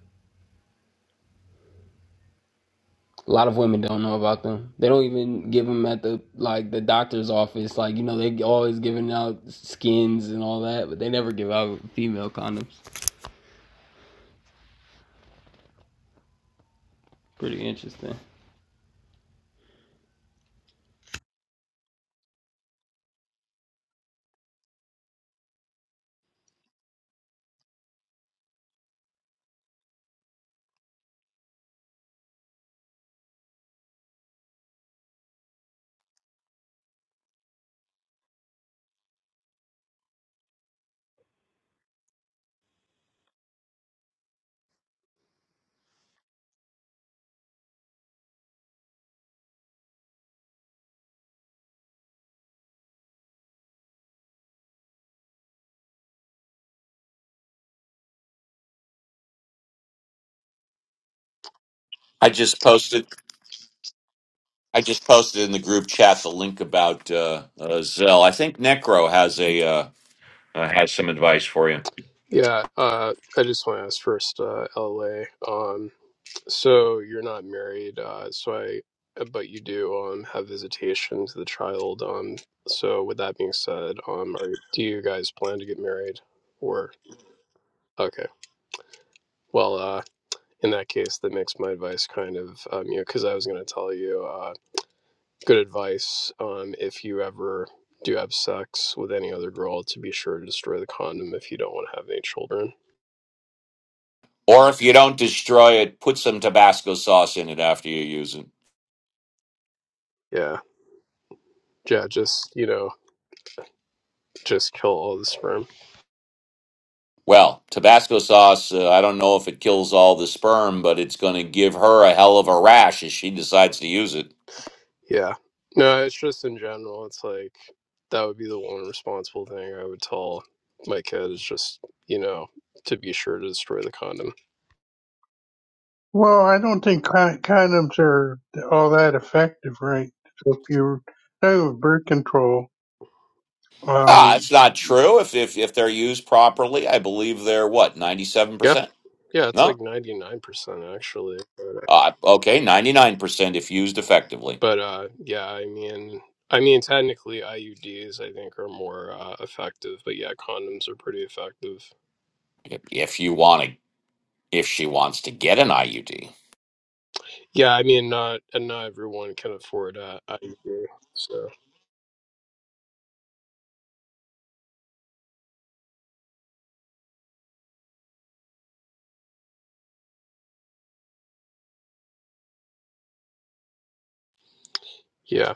Speaker 6: A lot of women don't know about them. They don't even give them at the like the doctor's office. Like you know, they always giving out skins and all that, but they never give out female condoms. Pretty interesting.
Speaker 2: I just posted I just posted in the group chat the link about uh, uh, Zell. I think Necro has a uh, uh, has some advice for you.
Speaker 7: Yeah, Uh, I just want to ask first, uh, LA. Um, so you're not married. Uh, so I, but you do um have visitation to the child. Um, so with that being said, um, are, do you guys plan to get married, or okay? Well, uh, in that case, that makes my advice kind of um, you know, because I was going to tell you, uh, good advice. Um, if you ever do have sex with any other girl, to be sure to destroy the condom if you don't want to have any children.
Speaker 2: Or if you don't destroy it, put some Tabasco sauce in it after you use it.
Speaker 7: Yeah. Yeah, just you know, just kill all the sperm.
Speaker 2: Well, Tabasco sauce, uh, I don't know if it kills all the sperm, but it's going to give her a hell of a rash if she decides to use it.
Speaker 7: Yeah. No, it's just in general, it's like that would be the one responsible thing I would tell my kid is just, you know, to be sure to destroy the condom.
Speaker 5: Well, I don't think con- condoms are all that effective, right? So if you're talking about birth control,
Speaker 2: Ah,
Speaker 5: um,
Speaker 2: it's not true. If if if they're used properly, I believe they're what ninety seven
Speaker 7: Yeah.
Speaker 2: percent.
Speaker 7: Yeah, it's
Speaker 2: No,
Speaker 7: like ninety nine percent actually. But
Speaker 2: uh, okay, ninety nine percent if used effectively.
Speaker 7: but, uh yeah, I mean I mean technically IUDs I think are more uh, effective, but yeah, condoms are pretty effective.
Speaker 2: If, if you want to if she wants to get an IUD.
Speaker 7: Yeah, I mean not and not everyone can afford uh IUD. So yeah.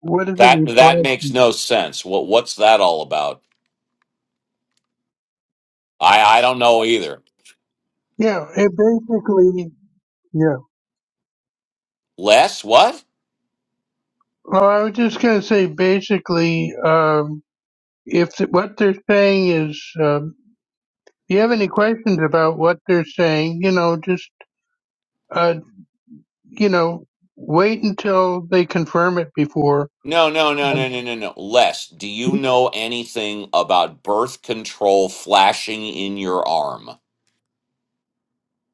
Speaker 5: what is it
Speaker 2: That
Speaker 5: you
Speaker 2: that makes
Speaker 5: apply?
Speaker 2: no sense. What what's that all about? I I don't know either.
Speaker 5: Yeah, it basically, yeah.
Speaker 2: Les, what?
Speaker 5: Well, I was just going to say basically, um, if th- what they're saying is, um, if you have any questions about what they're saying, you know, just, uh, you know, wait until they confirm it before.
Speaker 2: No, no, no, no,
Speaker 5: uh,
Speaker 2: no, no, no. Les, do you know anything about birth control flashing in your arm?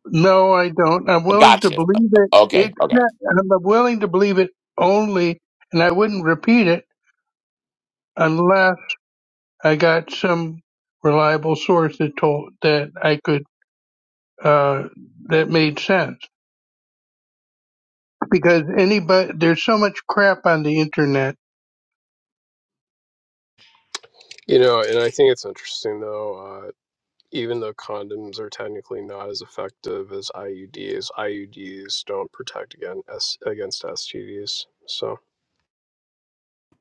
Speaker 5: No, I don't. I'm willing to
Speaker 2: Gotcha.
Speaker 5: believe it.
Speaker 2: Okay,
Speaker 5: Except
Speaker 2: okay.
Speaker 5: I'm willing to believe it only, and I wouldn't repeat it unless I got some reliable source that told that I could uh, that made sense. Because anybody, there's so much crap on the internet.
Speaker 7: You know, and I think it's interesting though, uh, even though condoms are technically not as effective as IUDs, IUDs don't protect against S- against STDs. So,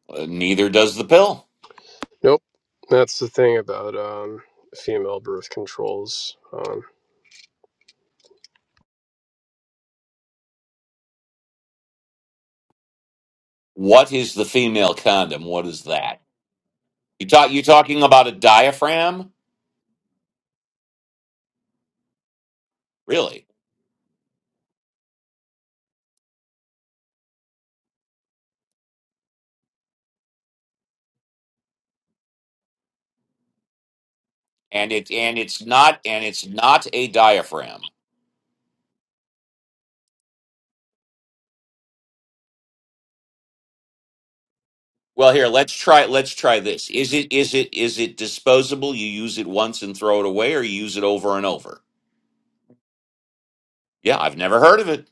Speaker 2: Uh, neither does the pill.
Speaker 7: nope. That's the thing about um, female birth controls. Um,
Speaker 2: What is the female condom? What is that? You talk you talking about a diaphragm? Really? And it and it's not and it's not a diaphragm. Well, here, let's try let's try this. Is it is it is it disposable? You use it once and throw it away or you use it over and over? Yeah, I've never heard of it.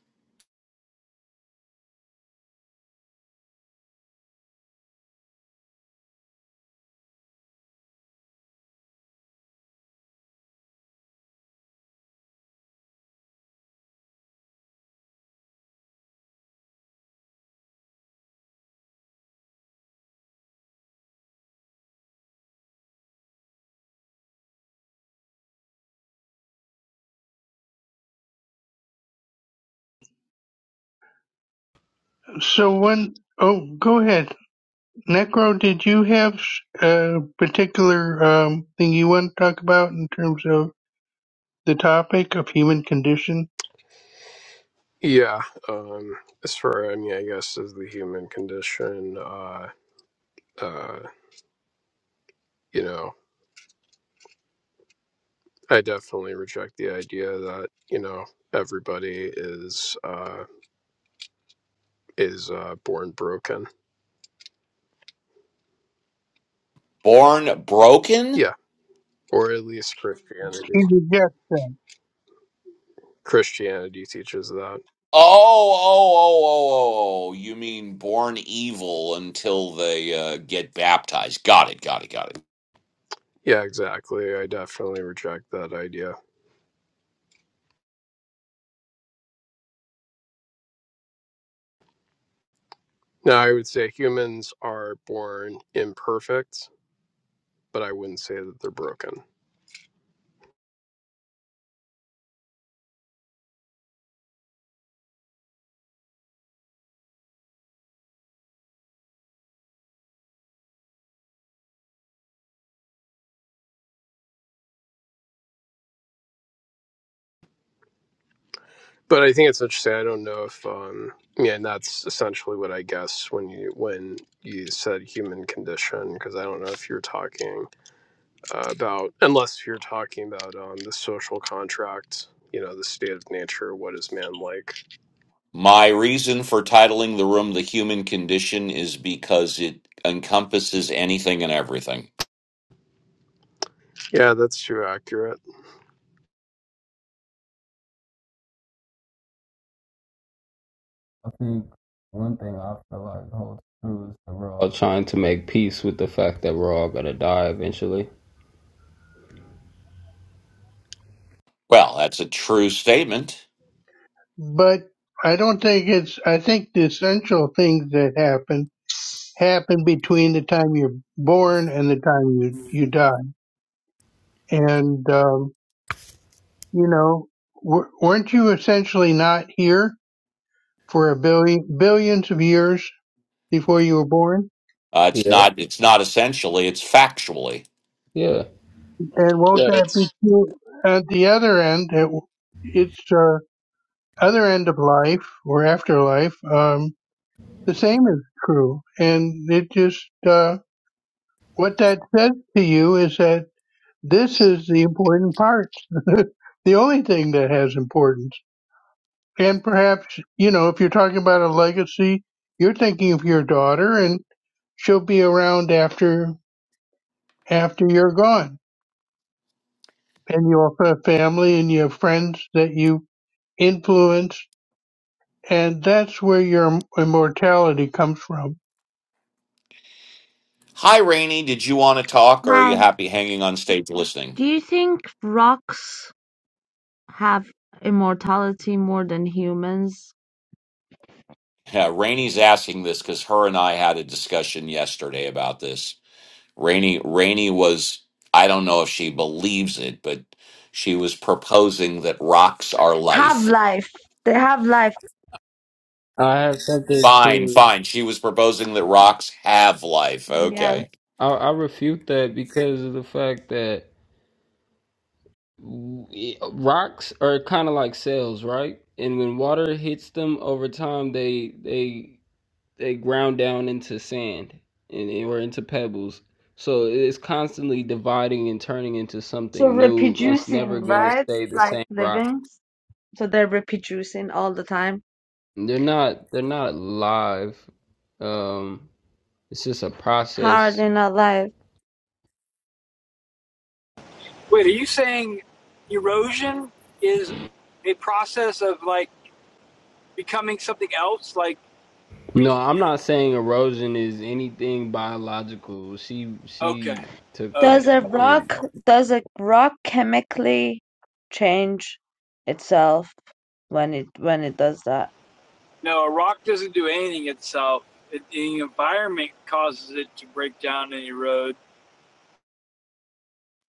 Speaker 5: So when, oh, go ahead, Necro. Did you have a particular um, thing you want to talk about in terms of the topic of human condition?
Speaker 7: yeah, um, as far I mean, I guess as the human condition, uh, uh, you know, I definitely reject the idea that you know everybody is uh, is uh, born broken.
Speaker 2: Born broken?
Speaker 7: Yeah. or at least Christianity.
Speaker 5: He rejects that.
Speaker 7: Christianity teaches that.
Speaker 2: Oh, oh, oh, oh, oh. oh. You mean born evil until they uh, get baptized. Got it, got it, got it.
Speaker 7: Yeah, exactly. I definitely reject that idea. Now, I would say humans are born imperfect, but I wouldn't say that they're broken. But I think it's interesting. I don't know if, um, yeah, and that's essentially what I guess when you when you said human condition, because I don't know if you're talking uh, about, unless you're talking about um, the social contract, you know, the state of nature, what is man like?
Speaker 2: My reason for titling the room The Human Condition is because it encompasses anything and everything.
Speaker 7: Yeah, that's too accurate.
Speaker 6: I think one thing I feel like holds true is that we're all trying to make peace with the fact that we're all gonna die eventually.
Speaker 2: Well, that's a true statement.
Speaker 5: But I don't think it's, I think the essential things that happen happen between the time you're born and the time you, you die. And, um, you know, w- weren't you essentially not here for a billion, billions of years before you were born?
Speaker 2: Uh, it's
Speaker 6: Yep.
Speaker 2: not it's not essentially, it's factually.
Speaker 6: Yeah.
Speaker 5: And won't
Speaker 7: Yeah,
Speaker 5: that
Speaker 7: it's
Speaker 5: be true at the other end? It, it's, uh, other end of life or afterlife. Um, the same is true. And it just, uh, what that says to you is that This is the important part. The only thing that has importance. And perhaps, you know, if you're talking about a legacy, you're thinking of your daughter and she'll be around after after you're gone. And you also have family and you have friends that you influence and that's where your immortality comes from.
Speaker 2: Hi, Rainey. Did you want to talk, or are you
Speaker 8: Matt,
Speaker 2: happy hanging on stage listening?
Speaker 8: do you think rocks have immortality more than humans?
Speaker 2: Yeah, Rainey's asking this because her and I had a discussion yesterday about this. Rainey, Rainey was, I don't know if she believes it, but she was proposing that rocks are
Speaker 8: Have
Speaker 2: life.
Speaker 8: life. They have life.
Speaker 6: I have something
Speaker 2: Fine,
Speaker 6: to.
Speaker 2: fine. She was proposing that rocks have life. Okay.
Speaker 8: Yeah.
Speaker 6: I, I refute that because of the fact that rocks are kind of like cells, right? And when water hits them over time, they they they ground down into sand and or into pebbles. So it's constantly dividing and turning into
Speaker 8: So
Speaker 6: something new. It's
Speaker 8: reproducing,
Speaker 6: never going to
Speaker 8: right?
Speaker 6: stay the
Speaker 8: Like
Speaker 6: same rock.
Speaker 8: living. So they're reproducing all the time.
Speaker 6: They're not they're not live. Um, it's just a
Speaker 8: How are
Speaker 6: process.
Speaker 8: they not alive?
Speaker 9: Wait, are you saying erosion is a process of like becoming something else? Like
Speaker 6: No,
Speaker 9: we?
Speaker 6: I'm not saying erosion is anything biological. She
Speaker 9: Okay,
Speaker 6: she took that
Speaker 8: Does
Speaker 9: okay,
Speaker 8: a
Speaker 9: cool.
Speaker 6: and
Speaker 8: rock does a rock chemically change itself when it when it does that?
Speaker 9: No, a rock doesn't do anything itself. It, the environment causes it to break down and erode.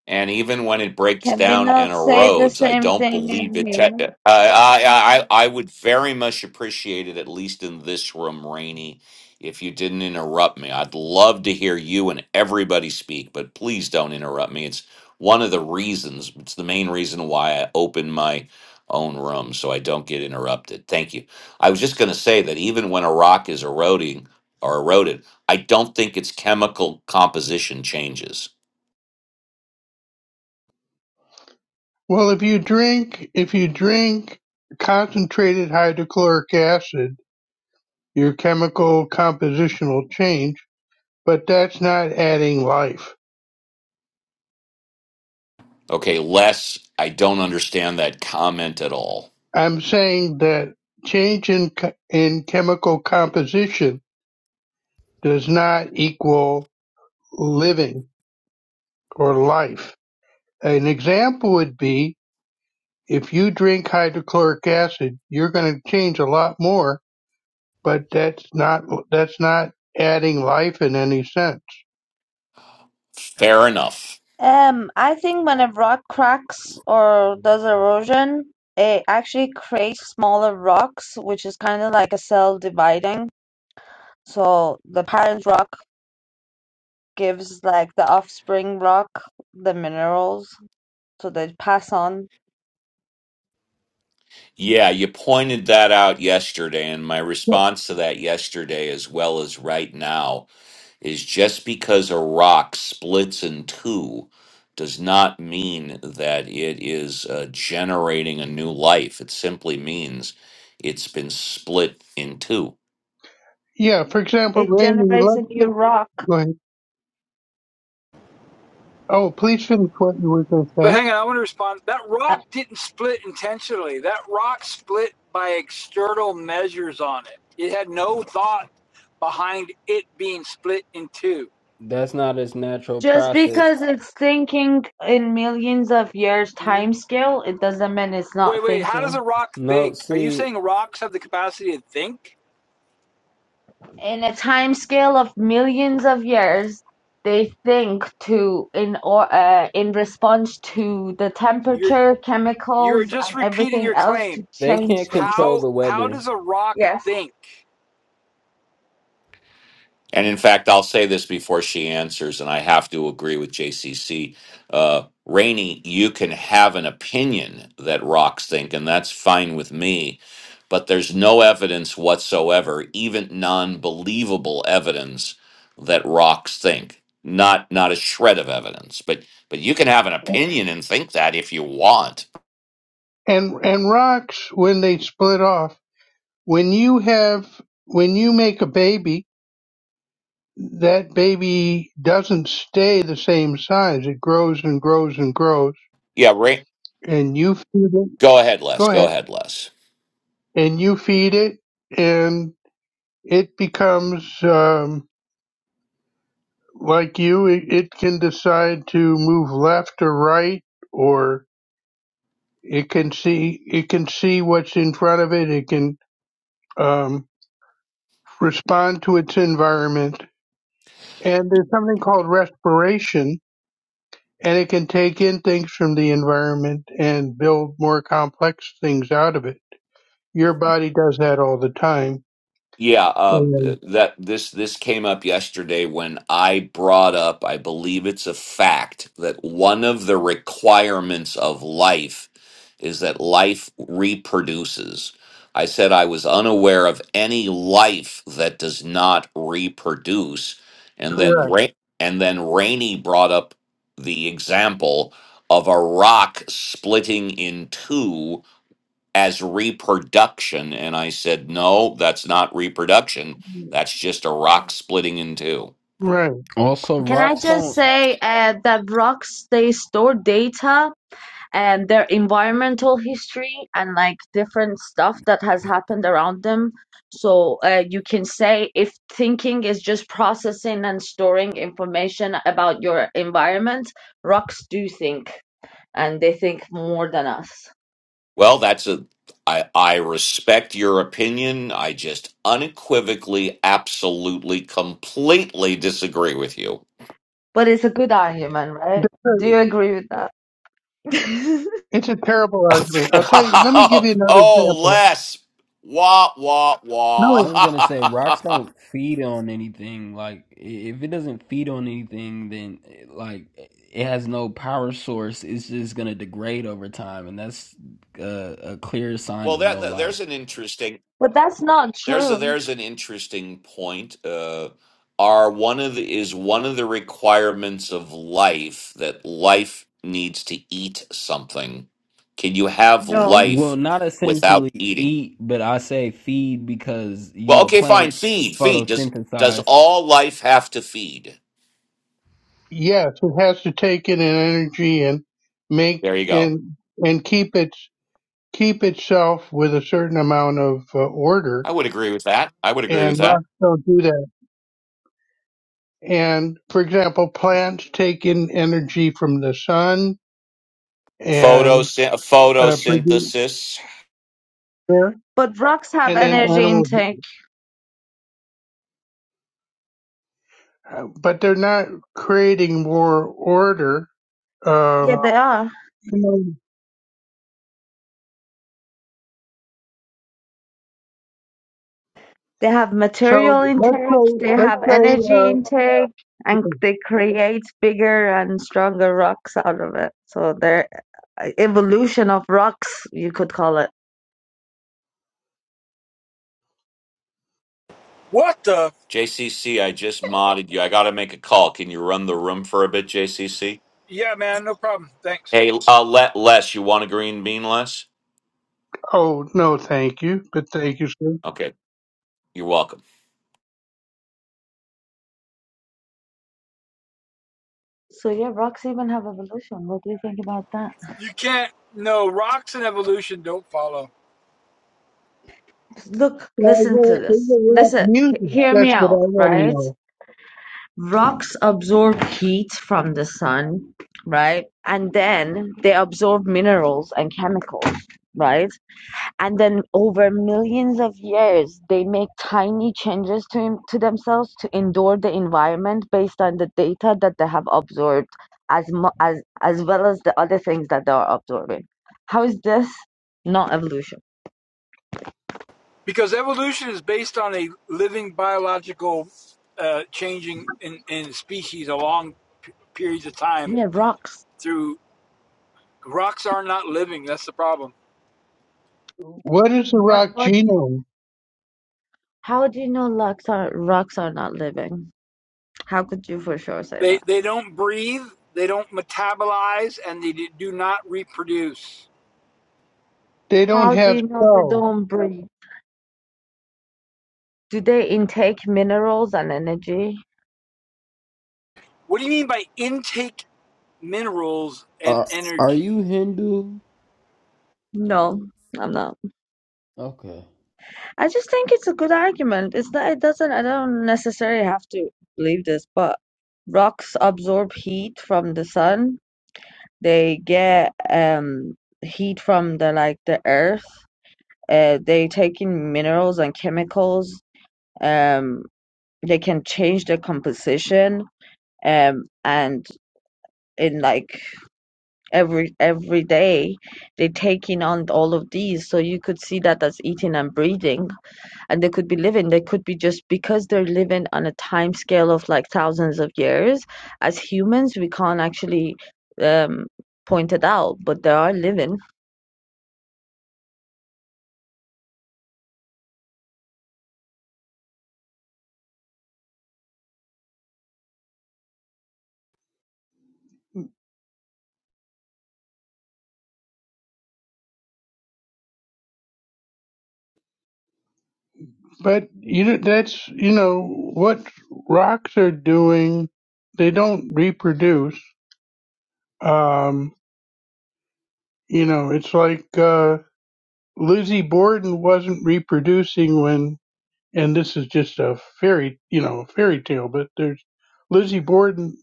Speaker 2: And even when it breaks
Speaker 8: Can we
Speaker 2: down and
Speaker 8: not say the
Speaker 2: erodes, I
Speaker 8: same
Speaker 2: don't
Speaker 8: thing
Speaker 2: believe
Speaker 8: in
Speaker 2: it. Ch-
Speaker 8: humans?
Speaker 2: I, I, I, I would very much appreciate it, at least in this room, Rainey, if you didn't interrupt me. I'd love to hear you and everybody speak, but please don't interrupt me. It's one of the reasons, it's the main reason why I open my own room so I don't get interrupted. Thank you. I was just going to say that even when a rock is eroding or eroded, I don't think its chemical composition changes.
Speaker 5: Well, if you drink, if you drink concentrated hydrochloric acid, your chemical compositional change but that's not adding life.
Speaker 2: Okay, Les, I don't understand that comment at all.
Speaker 5: I'm saying that change in in chemical composition does not equal living or life. An example would be if you drink hydrochloric acid, you're going to change a lot more, but that's not that's not adding life in any sense.
Speaker 2: Fair enough.
Speaker 8: Um, I think when a rock cracks or does erosion, it actually creates smaller rocks, which is kind of like a cell dividing. So the parent rock gives like the offspring rock the minerals, so they pass on.
Speaker 2: Yeah, you pointed that out yesterday, and my response to that yesterday, as well as right now, is just because a rock splits in two does not mean that it is uh, generating a new life. It simply means it's been split in two.
Speaker 5: Yeah, for example,
Speaker 8: It
Speaker 5: Rainy,
Speaker 8: generates a new
Speaker 5: let's
Speaker 8: rock.
Speaker 5: go ahead. Oh, please finish what you were going to
Speaker 9: But
Speaker 5: say.
Speaker 9: hang on, I want to respond. That
Speaker 8: Uh,
Speaker 9: rock didn't split intentionally. That rock split by external measures on it. It had no thought behind it being split in two.
Speaker 6: That's not its natural
Speaker 8: Just
Speaker 6: process.
Speaker 8: because it's thinking in millions of years time scale, it doesn't mean it's
Speaker 9: Wait,
Speaker 8: not
Speaker 9: wait. How
Speaker 8: thinking.
Speaker 9: does a rock
Speaker 6: No,
Speaker 9: think? Are you
Speaker 6: see,
Speaker 9: saying rocks have the capacity to think?
Speaker 8: in a time scale of millions of years they think to in or uh, in response to the
Speaker 9: You're
Speaker 8: temperature
Speaker 9: you're
Speaker 8: chemicals
Speaker 9: just
Speaker 8: and
Speaker 9: repeating
Speaker 8: everything
Speaker 9: your
Speaker 8: else to
Speaker 9: claim.
Speaker 6: they
Speaker 8: change
Speaker 6: can't control
Speaker 8: themselves
Speaker 9: How
Speaker 6: the
Speaker 9: how
Speaker 6: weather.
Speaker 9: does a rock
Speaker 8: Yes.
Speaker 9: think?
Speaker 2: And in fact, I'll say this before she answers, and I have to agree with JCC. Uh, Rainey, you can have an opinion that rocks think, and that's fine with me, but there's no evidence whatsoever, even non-believable evidence that rocks think. Not not a shred of evidence, but but you can have an opinion and think that if you want.
Speaker 5: And and rocks when they split off When you have when you make a baby, that baby doesn't stay the same size. It grows and grows and grows.
Speaker 2: Yeah, Rain.
Speaker 5: And you feed it.
Speaker 2: Go ahead, Les.
Speaker 5: Go
Speaker 2: Go
Speaker 5: ahead.
Speaker 2: ahead, Les.
Speaker 5: And you feed it, and it becomes um, like you. It, it can decide to move left or right, or it can see it can see what's in front of it. It can um, respond to its environment. And there's something called respiration, and it can take in things from the environment and build more complex things out of it. Your body does that all the time.
Speaker 2: Yeah, uh,
Speaker 5: And
Speaker 2: that this this came up yesterday when I brought up, I believe it's a fact that one of the requirements of life is that life reproduces. I said I was unaware of any life that does not reproduce, and then
Speaker 5: correct.
Speaker 2: Ra- and then Rainey brought up the example of a rock splitting in two as reproduction. And I said, no, that's not reproduction. That's just a rock splitting in two.
Speaker 5: Right.
Speaker 6: Also,
Speaker 8: can i
Speaker 6: rocks
Speaker 8: just
Speaker 6: don't.
Speaker 8: say uh, that rocks they store data and their environmental history and like different stuff that has happened around them. So uh, you can say if thinking is just processing and storing information about your environment, rocks do think and they think more than us.
Speaker 2: Well, that's a, I, I respect your opinion. I just unequivocally, absolutely, completely disagree with you.
Speaker 8: But it's a good argument, right?
Speaker 5: That's
Speaker 8: Do
Speaker 5: a-
Speaker 8: you agree with that?
Speaker 5: It's a terrible argument. I'll tell you, let me give you another
Speaker 2: oh,
Speaker 5: example.
Speaker 2: Les. Wah, wah,
Speaker 5: No,
Speaker 6: I
Speaker 5: it,
Speaker 6: was gonna say rocks
Speaker 2: wah.
Speaker 6: don't feed on anything. Like i- if it doesn't feed on anything, then eh, like it has no power source. It's just gonna degrade over time, and that's a, a clear sign
Speaker 2: well,
Speaker 6: of
Speaker 2: that,
Speaker 6: no
Speaker 2: that- there's
Speaker 6: life.
Speaker 2: an interesting.
Speaker 8: but that's not
Speaker 2: There's a,
Speaker 8: true.
Speaker 2: there's an interesting point. Uh, are one of the, is one of the requirements of life that life needs to eat something. Can you have
Speaker 8: No.
Speaker 6: Well,
Speaker 2: life
Speaker 6: not
Speaker 2: without
Speaker 6: essentially
Speaker 2: eating?
Speaker 6: eat, but I say feed because you
Speaker 2: Well,
Speaker 6: know
Speaker 2: okay, fine.
Speaker 6: plants
Speaker 2: Feed, feed. Does does
Speaker 6: photosynthesize.
Speaker 2: all life have to feed?
Speaker 5: yes, it has to take in an energy and make
Speaker 2: There you go.
Speaker 5: and and keep its keep itself with a certain amount of uh, order
Speaker 2: I would agree with that. I would agree
Speaker 5: and
Speaker 2: with that.
Speaker 5: rocks don't do that. And for example, plants take in energy from the sun, and
Speaker 2: Photosyn-
Speaker 5: uh, produce
Speaker 2: photosynthesis.
Speaker 5: there,
Speaker 8: But rocks have
Speaker 5: and then
Speaker 8: energy
Speaker 5: animals,
Speaker 8: intake.
Speaker 5: uh, but they're not creating more order.
Speaker 8: Yeah,
Speaker 5: Um,
Speaker 8: they are.
Speaker 5: you know,
Speaker 8: They have
Speaker 5: so
Speaker 8: material
Speaker 5: let's
Speaker 8: intake,
Speaker 5: say,
Speaker 8: they have
Speaker 5: let's say,
Speaker 8: energy intake, and
Speaker 5: uh,
Speaker 8: they create bigger and stronger rocks out of it. So they're uh, evolution of rocks, you could call it.
Speaker 9: What the?
Speaker 2: JCC, I just modded you. I got to make a call. Can you run the room for a bit, JCC?
Speaker 9: Yeah, man. No problem. Thanks.
Speaker 2: Hey, uh, let less. You want a green bean, less?
Speaker 5: oh no, thank you, but thank you, sir.
Speaker 2: Okay, you're welcome.
Speaker 8: So yeah, rocks even have evolution. What do you think about that?
Speaker 9: You can't. No, rocks and evolution don't follow
Speaker 8: Look,
Speaker 5: Well,
Speaker 8: listen to
Speaker 5: where is
Speaker 8: this.
Speaker 5: the rock
Speaker 8: Listen, h-
Speaker 5: music?
Speaker 8: hear
Speaker 5: That's
Speaker 8: me
Speaker 5: what I
Speaker 8: out,
Speaker 5: want to
Speaker 8: right? Rocks absorb heat from the sun, right? And then they absorb minerals and chemicals, right? and then over millions of years they make tiny changes to, em- to themselves to endure the environment based on the data that they have absorbed as mu- as as well as the other things that they are absorbing how is this not evolution
Speaker 9: because evolution is based on a living biological uh, changing in, in species along p- periods of time.
Speaker 8: yeah rocks
Speaker 9: Through rocks are not living. That's the problem.
Speaker 5: know. What is the
Speaker 8: what
Speaker 5: rock
Speaker 8: what
Speaker 5: genome?
Speaker 8: how do you know rocks are rocks are not living how could you for sure say
Speaker 9: They
Speaker 8: that
Speaker 9: they don't breathe, they don't metabolize, and they do not reproduce.
Speaker 5: They don't
Speaker 8: how do
Speaker 5: have
Speaker 8: you know they
Speaker 5: cells,
Speaker 8: don't breathe do they intake minerals and energy
Speaker 9: What do you mean by intake minerals and
Speaker 6: Uh, are
Speaker 9: energy?
Speaker 6: you Hindu?
Speaker 8: no i'm not
Speaker 6: Okay.
Speaker 8: I just think it's a good argument. It's not, it doesn't, I don't necessarily have to believe this, but rocks absorb heat from the sun. They get um heat from the like the earth. Uh, they take in minerals and chemicals. Um, they can change their composition. Um, and in like every every day, they take in on all of these. So you could see that as eating and breathing. and they could be living they could be just because they're living on a time scale of like thousands of years as humans we can't actually um, point it out but they are living
Speaker 5: but you know, that's you know what rocks are doing. They don't reproduce. Um, You know, it's like uh, Lizzie Borden wasn't reproducing when, and this is just a fairy, you know, fairy tale, but there's Lizzie Borden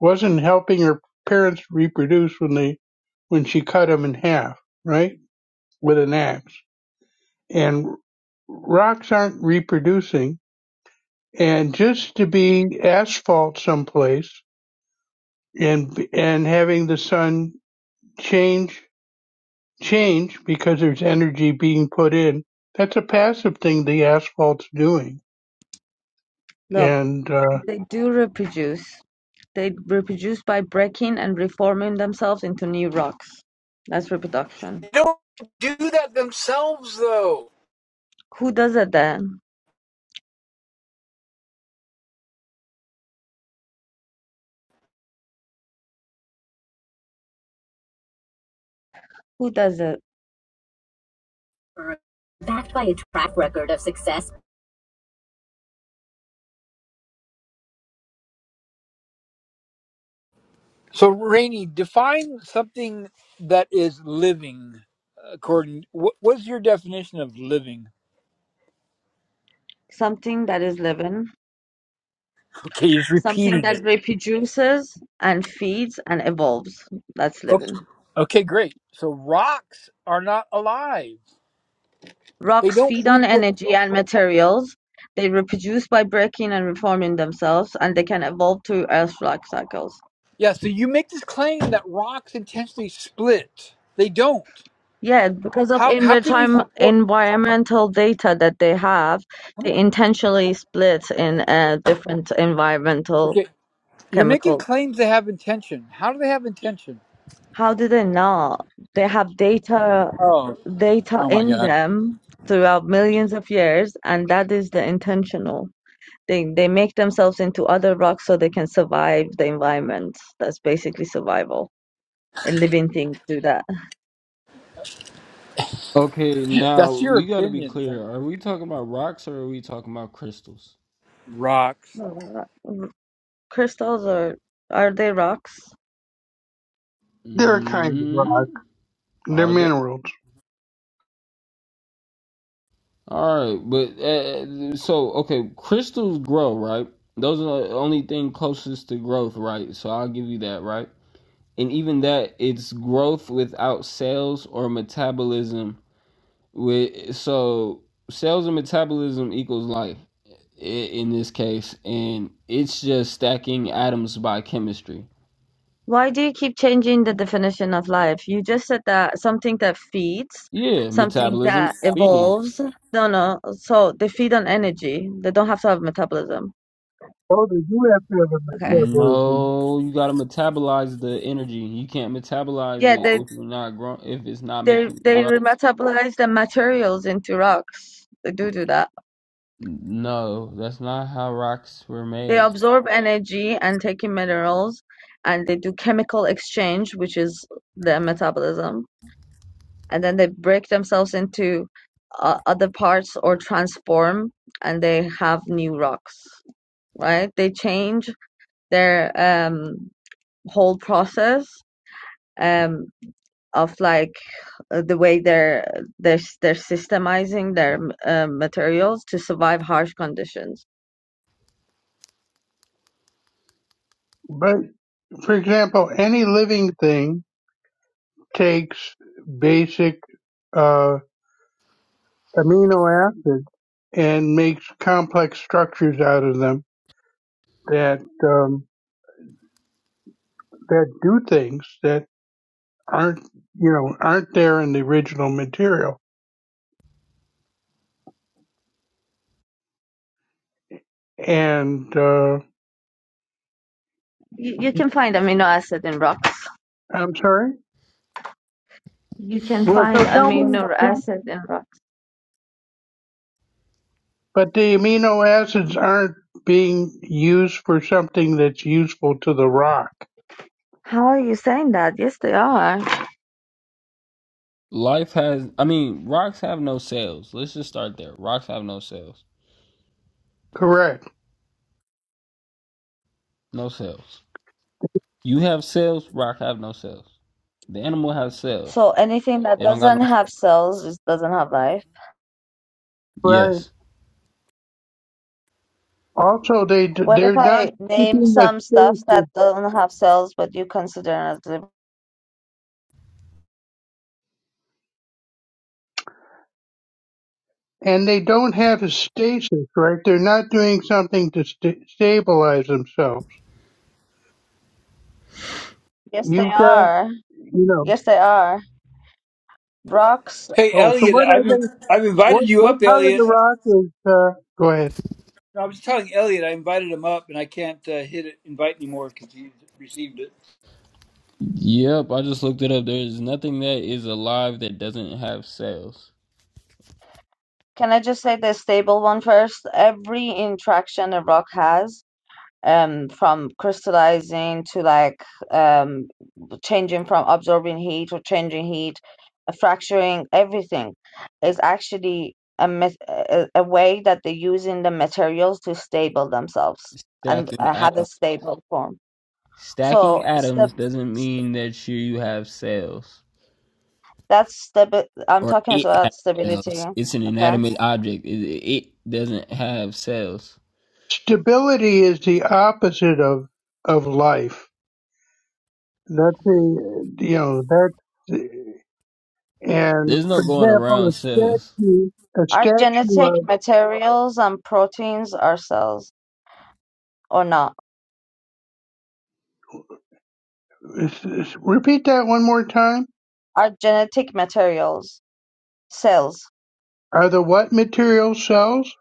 Speaker 5: wasn't helping her parents reproduce when they, when she cut them in half, right, with an axe. And rocks aren't reproducing, and just to be asphalt someplace and and having the sun change change because there's energy being put in. That's a passive thing the asphalt's doing.
Speaker 8: look
Speaker 5: And uh,
Speaker 8: they do reproduce they reproduce by breaking and reforming themselves into new rocks that's reproduction
Speaker 9: They don't do that themselves, though.
Speaker 8: who does it then who does it
Speaker 9: Backed by a track record of success. So, Rainey, define something that is living. According, what was your definition of living?
Speaker 8: something that is living
Speaker 9: Okay, you're just
Speaker 8: something
Speaker 9: repeating
Speaker 8: that
Speaker 9: it.
Speaker 8: reproduces and feeds and evolves that's
Speaker 9: Okay,
Speaker 8: living
Speaker 9: okay, great. So rocks are not alive. They
Speaker 8: Rocks
Speaker 9: don't
Speaker 8: feed on
Speaker 9: reproduce.
Speaker 8: energy and materials, they reproduce by breaking and reforming themselves, and they can evolve through Earth's life cycles.
Speaker 9: Yeah, so you make this claim that rocks intentionally split. They don't.
Speaker 8: Yeah, because of
Speaker 9: How how can you
Speaker 8: envi-
Speaker 9: support?
Speaker 8: environmental data that they have, they intentionally split in uh, different environmental
Speaker 9: Okay, you're making
Speaker 8: chemical.
Speaker 9: claims they have intention. How do they have intention?
Speaker 8: How do they know? They have data
Speaker 9: Oh,
Speaker 8: data
Speaker 9: oh my
Speaker 8: in
Speaker 9: God,
Speaker 8: them throughout millions of years, and that is the intentional. They they make themselves into other rocks so they can survive the environment. That's basically survival. And living things do that.
Speaker 6: Okay, now
Speaker 9: that's your
Speaker 6: we gotta be
Speaker 9: opinion.
Speaker 6: clear. Are we talking about rocks or are we talking about crystals?
Speaker 9: Rocks.
Speaker 8: Uh, crystals are are they rocks?
Speaker 5: they're a kind of rock.
Speaker 6: mm
Speaker 5: They're
Speaker 6: Are they?
Speaker 5: minerals.
Speaker 6: All right, but uh, so okay, crystals grow, right? Those are the only thing closest to growth, right? So I'll give you that, right? And even that, it's growth without cells or metabolism. With so cells and metabolism equals life i- in this case, and it's just stacking atoms by chemistry.
Speaker 8: Why do you keep changing the definition of life? You just said that something that feeds,
Speaker 6: Yeah,
Speaker 8: something
Speaker 6: metabolism,
Speaker 8: that
Speaker 6: feeding.
Speaker 8: evolves. No, no. So they feed on energy. They don't have to have metabolism.
Speaker 5: Oh, they do have to have a
Speaker 8: Okay.
Speaker 5: metabolism.
Speaker 6: No, you gotta metabolize the energy. You can't metabolize
Speaker 8: Yeah,
Speaker 6: it
Speaker 8: they
Speaker 6: if you're not grow if it's not
Speaker 8: they
Speaker 6: making you
Speaker 8: they
Speaker 6: grow.
Speaker 8: remetabolize the materials into rocks. They do do that.
Speaker 6: No, that's not how rocks were
Speaker 8: They
Speaker 6: made.
Speaker 8: absorb energy and take in minerals and they do chemical exchange, which is their metabolism. And then they break themselves into uh, other parts or transform and they have new rocks, right? They change their um, whole process. Um, of like uh, the way they're they're they're systemizing their uh, materials to survive harsh conditions.
Speaker 5: But for example, any living thing takes basic uh, amino acids and makes complex structures out of them that um, that do things that aren't you know aren't there in the original material. And uh,
Speaker 8: You, you can find amino acid in rocks.
Speaker 5: I'm sorry.
Speaker 8: You can
Speaker 5: Well,
Speaker 8: find
Speaker 5: so tell me.
Speaker 8: amino acid in rocks.
Speaker 5: But the amino acids aren't being used for something that's useful to the rock.
Speaker 8: How are you saying that? Yes, they are.
Speaker 6: Life has, I mean, rocks have no cells. Let's just start there. Rocks have no cells.
Speaker 5: Correct.
Speaker 6: No cells. You have cells, rock have no cells. The animal has cells.
Speaker 8: So anything that
Speaker 6: They don't got
Speaker 8: doesn't
Speaker 6: no cells.
Speaker 8: have cells just doesn't have life.
Speaker 5: Right.
Speaker 6: Yes.
Speaker 5: Also, they d-
Speaker 8: What if
Speaker 5: they're not
Speaker 8: I name
Speaker 5: keeping a
Speaker 8: some stuffs that
Speaker 5: stasis,
Speaker 8: don't have cells but you consider as living?
Speaker 5: and they don't have a stasis. Right. They're not doing something to st- stabilize themselves.
Speaker 8: Yes, they
Speaker 5: You've got,
Speaker 8: are.
Speaker 5: you know.
Speaker 8: Yes, they are. Rocks,
Speaker 9: Hey,
Speaker 5: Oh, so
Speaker 9: Elliot,
Speaker 5: what are
Speaker 9: I've
Speaker 5: they?
Speaker 9: I've
Speaker 5: What
Speaker 9: invited you up,
Speaker 5: what part of the
Speaker 9: Elliot.
Speaker 5: rock is? Uh, Go ahead.
Speaker 9: I was telling Elliot I invited him up, and I can't uh, hit it, invite anymore because he received it.
Speaker 6: Yep, I just looked it up. There's nothing that is alive that doesn't have cells.
Speaker 8: can I just say the stable one first? Every interaction a rock has, um, from crystallizing to like um changing from absorbing heat or changing heat, uh, fracturing, everything is actually a, met a, a way that they use in the materials to stable themselves and
Speaker 6: Stacking
Speaker 8: uh,
Speaker 6: atoms.
Speaker 8: have a stable form.
Speaker 6: Stacking
Speaker 8: So step.
Speaker 6: atoms doesn't mean that you have cells
Speaker 8: that's stabi I'm
Speaker 6: or
Speaker 8: talking
Speaker 6: it has
Speaker 8: about stability.
Speaker 6: cells. It's an
Speaker 8: Okay.
Speaker 6: inanimate object. It, it doesn't have cells.
Speaker 5: Stability is the opposite of of life. That's a, you know, that's, and
Speaker 6: There's
Speaker 5: for
Speaker 6: no going
Speaker 5: example,
Speaker 6: around
Speaker 5: a
Speaker 6: cells.
Speaker 5: statue, a
Speaker 8: Are
Speaker 5: statue
Speaker 8: genetic materials and proteins are cells or not?
Speaker 5: of, s- s- repeat that one more time.
Speaker 8: Are genetic materials cells?
Speaker 5: Are the what material cells?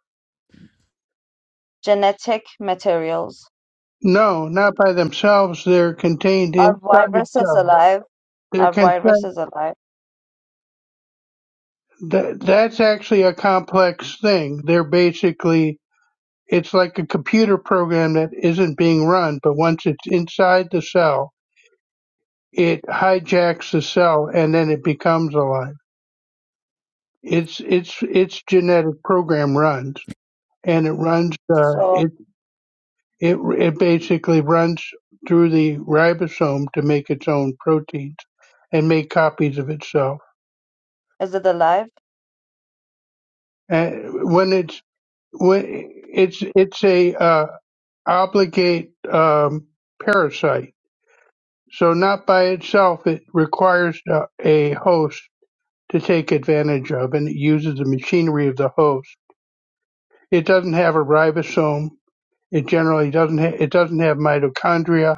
Speaker 8: Genetic materials.
Speaker 5: No, not by themselves. They're contained
Speaker 8: Are
Speaker 5: inside
Speaker 8: viruses
Speaker 5: cells.
Speaker 8: alive?
Speaker 5: They're
Speaker 8: Are
Speaker 5: contained,
Speaker 8: viruses alive?
Speaker 5: that, that's actually a complex thing. They're basically, it's like a computer program that isn't being run, but once it's inside the cell, it hijacks the cell and then it becomes alive. It's it's it's genetic program runs, and it runs uh,
Speaker 8: So
Speaker 5: it it it basically runs through the ribosome to make its own proteins and make copies of itself.
Speaker 8: is it alive?
Speaker 5: And when it's when it's it's a uh, obligate um, parasite, so not by itself, it requires a, a host to take advantage of, and it uses the machinery of the host. It doesn't have a ribosome It generally doesn't ha- it doesn't have mitochondria,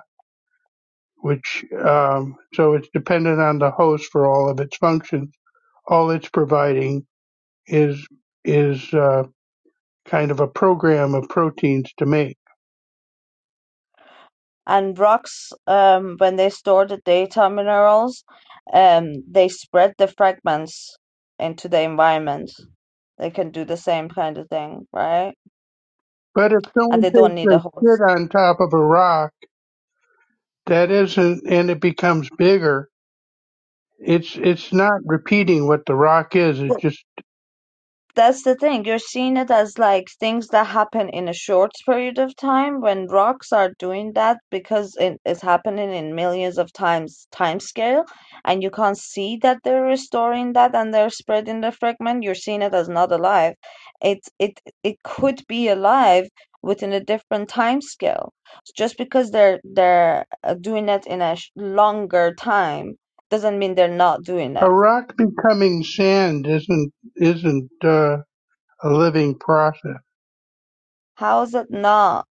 Speaker 5: which um, so it's dependent on the host for all of its functions. All it's providing is is uh, kind of a program of proteins to make.
Speaker 8: And rocks, um, when they store the data minerals, um, they spread the fragments into the environment. They can do the same kind of thing, right?
Speaker 5: But if
Speaker 8: And
Speaker 5: someone
Speaker 8: they don't
Speaker 5: takes
Speaker 8: need
Speaker 5: a
Speaker 8: a
Speaker 5: shit
Speaker 8: host.
Speaker 5: on top of a rock that isn't and it becomes bigger, it's it's not repeating what the rock is. It's just
Speaker 8: That's the thing. You're seeing it as like things that happen in a short period of time when rocks are doing that because it is happening in millions of times time scale and you can't see that they're restoring that and they're spreading the fragment. You're seeing it as not alive. It it it could be alive within a different time scale. Just because they're they're uh, doing it in a sh longer time doesn't mean they're not doing
Speaker 5: a
Speaker 8: it.
Speaker 5: rock becoming sand isn't isn't uh, a living process.
Speaker 8: How is it not?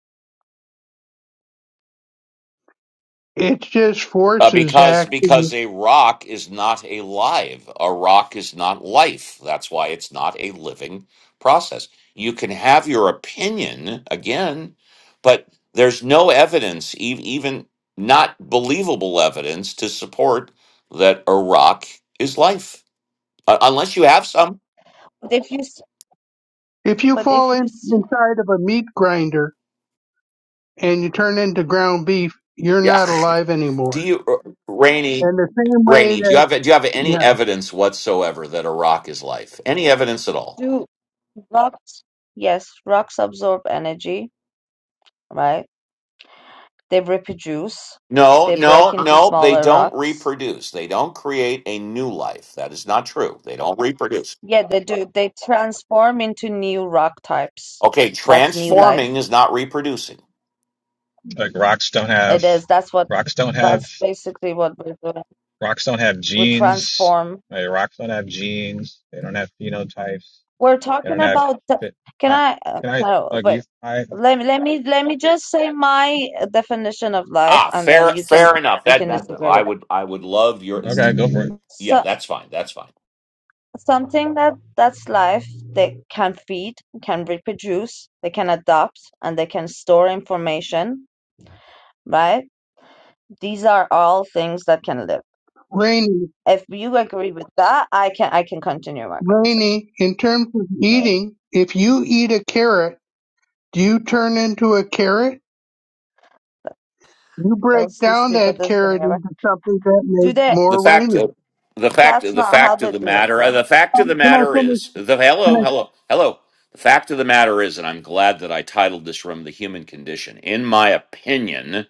Speaker 5: It's just
Speaker 2: Uh,
Speaker 5: forces
Speaker 2: because
Speaker 5: acting
Speaker 2: because a rock is not alive. A rock is not life. That's why it's not a living process. You can have your opinion again, but there's no evidence, e- even not believable evidence, to support that a rock is life, uh, unless you have some.
Speaker 8: But if you s-
Speaker 5: If you
Speaker 8: but
Speaker 5: fall
Speaker 8: if you
Speaker 5: in,
Speaker 8: see
Speaker 5: inside of a meat grinder and you turn into ground beef, you're
Speaker 2: Yeah.
Speaker 5: not alive
Speaker 2: Do
Speaker 5: anymore.
Speaker 2: you, uh, Rainey?
Speaker 5: And the same way
Speaker 2: Rainey, do you
Speaker 5: that,
Speaker 2: have do you have any
Speaker 5: yeah,
Speaker 2: evidence whatsoever that a rock is life? Any evidence at all?
Speaker 8: Do rocks, yes, rocks absorb energy, right? They reproduce,
Speaker 2: No,
Speaker 8: they break
Speaker 2: no,
Speaker 8: into
Speaker 2: no. They
Speaker 8: smaller
Speaker 2: don't
Speaker 8: rocks.
Speaker 2: reproduce. They don't create a new life. That is not true. They don't reproduce.
Speaker 8: Yeah, they do. They transform into new rock types.
Speaker 2: Okay,
Speaker 8: That's new life.
Speaker 2: transforming is not reproducing.
Speaker 10: Like rocks don't
Speaker 8: It
Speaker 10: have
Speaker 8: is. That's what,
Speaker 10: rocks don't have
Speaker 8: that's basically what we're doing.
Speaker 10: rocks don't have
Speaker 8: We
Speaker 10: genes.
Speaker 8: transform.
Speaker 10: Like rocks don't have genes. They don't have phenotypes.
Speaker 8: We're
Speaker 10: They
Speaker 8: talking
Speaker 10: don't have
Speaker 8: about the,
Speaker 10: fit.
Speaker 8: can
Speaker 10: I,
Speaker 8: I, uh,
Speaker 10: can I
Speaker 8: no,
Speaker 10: like
Speaker 8: wait.
Speaker 10: you? I
Speaker 8: Let me, let me, let me just say my uh, definition of life
Speaker 2: Ah,
Speaker 8: and
Speaker 2: fair,
Speaker 8: then you can,
Speaker 2: fair enough.
Speaker 8: you
Speaker 2: That
Speaker 8: can
Speaker 2: that
Speaker 8: disagree
Speaker 2: I
Speaker 8: with it.
Speaker 2: would I would love your.
Speaker 10: okay, go for it.
Speaker 2: Yeah,
Speaker 8: So
Speaker 2: that's fine. That's fine.
Speaker 8: something that that's life they can feed can reproduce they can adapt and they can store information right these are all things that can live
Speaker 5: Rainy,
Speaker 8: if you agree with that i can i can continue my conversation
Speaker 5: Rainy, in terms of eating, if you eat a carrot, do you turn into a carrot? You
Speaker 8: that's
Speaker 5: break
Speaker 8: the
Speaker 5: down that
Speaker 8: stupidest thing
Speaker 5: carrot
Speaker 8: ever
Speaker 5: into something that
Speaker 8: do
Speaker 5: makes
Speaker 8: they
Speaker 2: the
Speaker 5: more
Speaker 2: fact
Speaker 5: Rainy.
Speaker 2: of the fact
Speaker 8: that's
Speaker 2: the
Speaker 8: not how
Speaker 2: fact of
Speaker 8: they
Speaker 2: the
Speaker 8: do it
Speaker 2: matter uh,
Speaker 8: though
Speaker 2: the fact of the
Speaker 5: Can I
Speaker 2: matter
Speaker 5: finish?
Speaker 2: is the
Speaker 5: Can
Speaker 2: hello
Speaker 5: I?
Speaker 2: hello hello the fact of the matter is and i'm glad that i titled this room the human condition in my opinion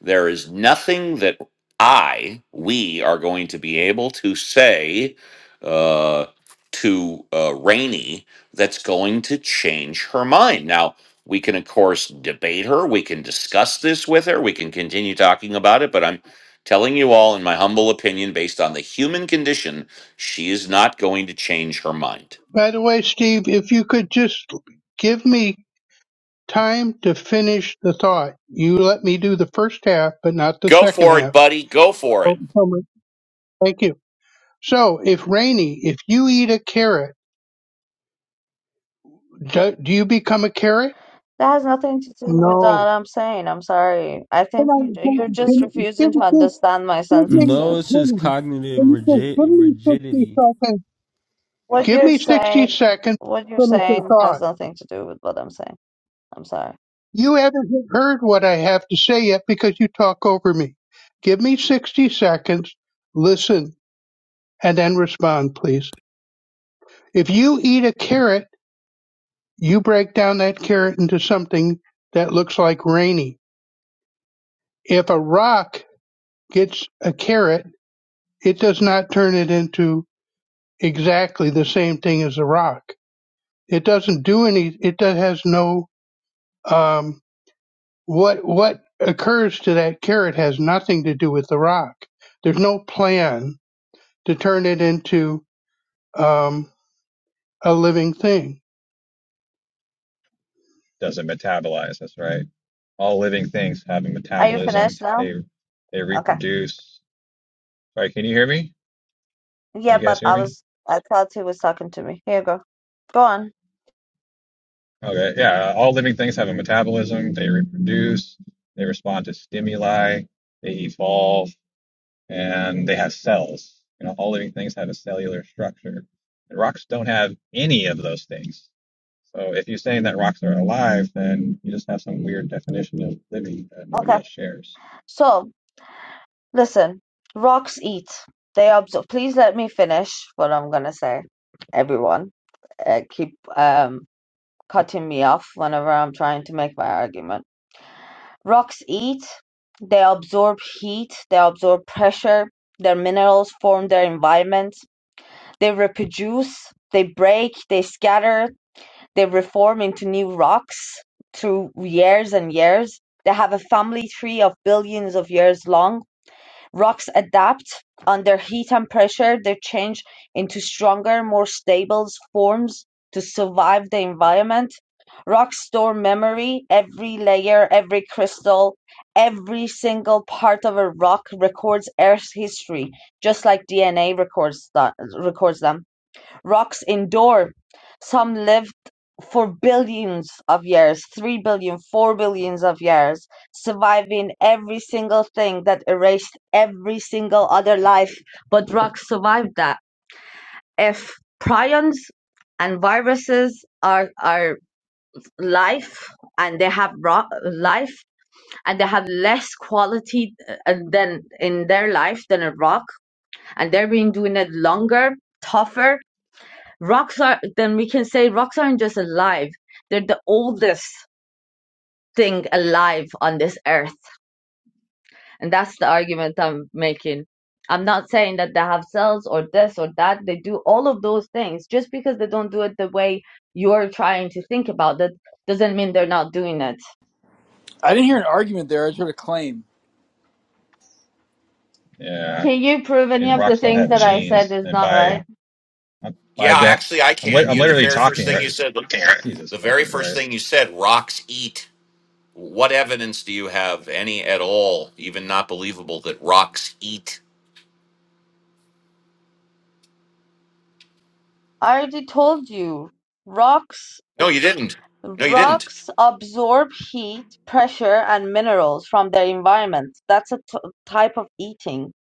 Speaker 2: there is nothing that I, we are going to be able to say uh, to uh, Rainey that's going to change her mind. Now, we can, of course, debate her. We can discuss this with her. We can continue talking about it. But I'm telling you all, in my humble opinion, based on the human condition, she is not going to change her mind.
Speaker 5: By the way, Steve, if you could just give me time to finish the thought. You let me do the first half, but not the
Speaker 2: Go
Speaker 5: second
Speaker 2: for it,
Speaker 5: half
Speaker 2: buddy. Go for it.
Speaker 5: So Thank you. So, if Rainey, if you eat a carrot, do, do you become a carrot?
Speaker 8: that has nothing to do with what
Speaker 5: No.
Speaker 8: i'm saying i'm sorry i
Speaker 5: Can
Speaker 8: think
Speaker 5: I,
Speaker 8: you,
Speaker 5: can,
Speaker 8: you're just
Speaker 5: can, give,
Speaker 8: refusing to
Speaker 5: give,
Speaker 8: understand my
Speaker 5: give me,
Speaker 6: No, it's
Speaker 8: sentences
Speaker 6: just
Speaker 5: Rainey,
Speaker 6: cognitive
Speaker 5: can you just
Speaker 6: rigid,
Speaker 5: give me 60
Speaker 6: rigidity.
Speaker 5: seconds?
Speaker 8: what
Speaker 5: Give
Speaker 8: you're
Speaker 5: me 60
Speaker 8: saying
Speaker 5: seconds
Speaker 8: what you're
Speaker 5: to finish the
Speaker 8: saying has
Speaker 5: thought.
Speaker 8: nothing to do with what i'm saying i'm sorry
Speaker 5: You haven't heard what I have to say yet because you talk over me. Give me 60 seconds, listen, and then respond, please. If you eat a carrot, you break down that carrot into something that looks like Rainey. If a rock gets a carrot, it does not turn it into exactly the same thing as a rock. It doesn't do any. It does, has no. Um, what what occurs to that carrot has nothing to do with the rock. There's no plan to turn it into um, a living thing.
Speaker 10: Doesn't metabolize. That's right. All living things have a
Speaker 8: Are you
Speaker 10: metabolism.
Speaker 8: finished now?
Speaker 10: They they
Speaker 8: Okay.
Speaker 10: reproduce. Sorry, can you hear me? Can
Speaker 8: Yeah,
Speaker 10: you guys
Speaker 8: but
Speaker 10: hear
Speaker 8: I
Speaker 10: me?
Speaker 8: was I thought he was talking to me. Here you go. Go on.
Speaker 10: Okay, yeah. All living things have a metabolism. They reproduce. They respond to stimuli. They evolve and they have cells. You know, all living things have a cellular structure. And rocks don't have any of those things. So if you're saying that rocks are alive, then you just have some weird definition of living that nobody
Speaker 8: Okay.
Speaker 10: else shares.
Speaker 8: So listen, rocks eat. They observe. Please let me finish what I'm gonna say. Everyone, uh, keep um cutting me off whenever I'm trying to make my argument. Rocks eat. They absorb heat. They absorb pressure. Their minerals form their environment. They reproduce. They break. They scatter. They reform into new rocks through years and years. They have a family tree of billions of years long. Rocks adapt under heat and pressure. They change into stronger, more stable forms to survive the environment. Rocks store memory. Every layer, every crystal, every single part of a rock records Earth's history, just like DNA records, th- records them rocks endure. Some lived for billions of years, three billion, four billions of years, surviving every single thing that erased every single other life. But rocks survived that. If prions and viruses are are life and they have rock life and they have less quality uh, than in their life than a rock and they've been doing it longer tougher Rocks are, then we can say rocks aren't just alive, they're the oldest thing alive on this earth. And that's the argument I'm making. I'm not saying that they have cells or this or that. They do all of those things. Just because they don't do it the way you're trying to think about it doesn't mean they're not doing it.
Speaker 9: I didn't hear an argument there. I just heard a claim.
Speaker 10: Yeah,
Speaker 8: Can you prove any
Speaker 10: and
Speaker 8: of the
Speaker 10: rocks don't
Speaker 8: things
Speaker 10: have
Speaker 8: that I said
Speaker 10: genes,
Speaker 8: is
Speaker 10: and
Speaker 8: not right?
Speaker 10: by by
Speaker 2: Yeah,
Speaker 10: de-
Speaker 2: actually, I
Speaker 10: I'm lit
Speaker 2: can.
Speaker 10: I'm
Speaker 2: You the
Speaker 10: literally
Speaker 2: very first
Speaker 10: talking
Speaker 2: thing
Speaker 10: right.
Speaker 2: you said. Okay.
Speaker 10: Jesus
Speaker 2: The very
Speaker 10: fucking
Speaker 2: first
Speaker 10: Christ.
Speaker 2: thing you said. Rocks eat. What evidence do you have, any at all, even not believable, that rocks eat?
Speaker 8: I already told you. Rocks
Speaker 2: No, you didn't. No, you didn't.
Speaker 8: Rocks absorb heat, pressure, and minerals from their environment. That's a t- type of eating.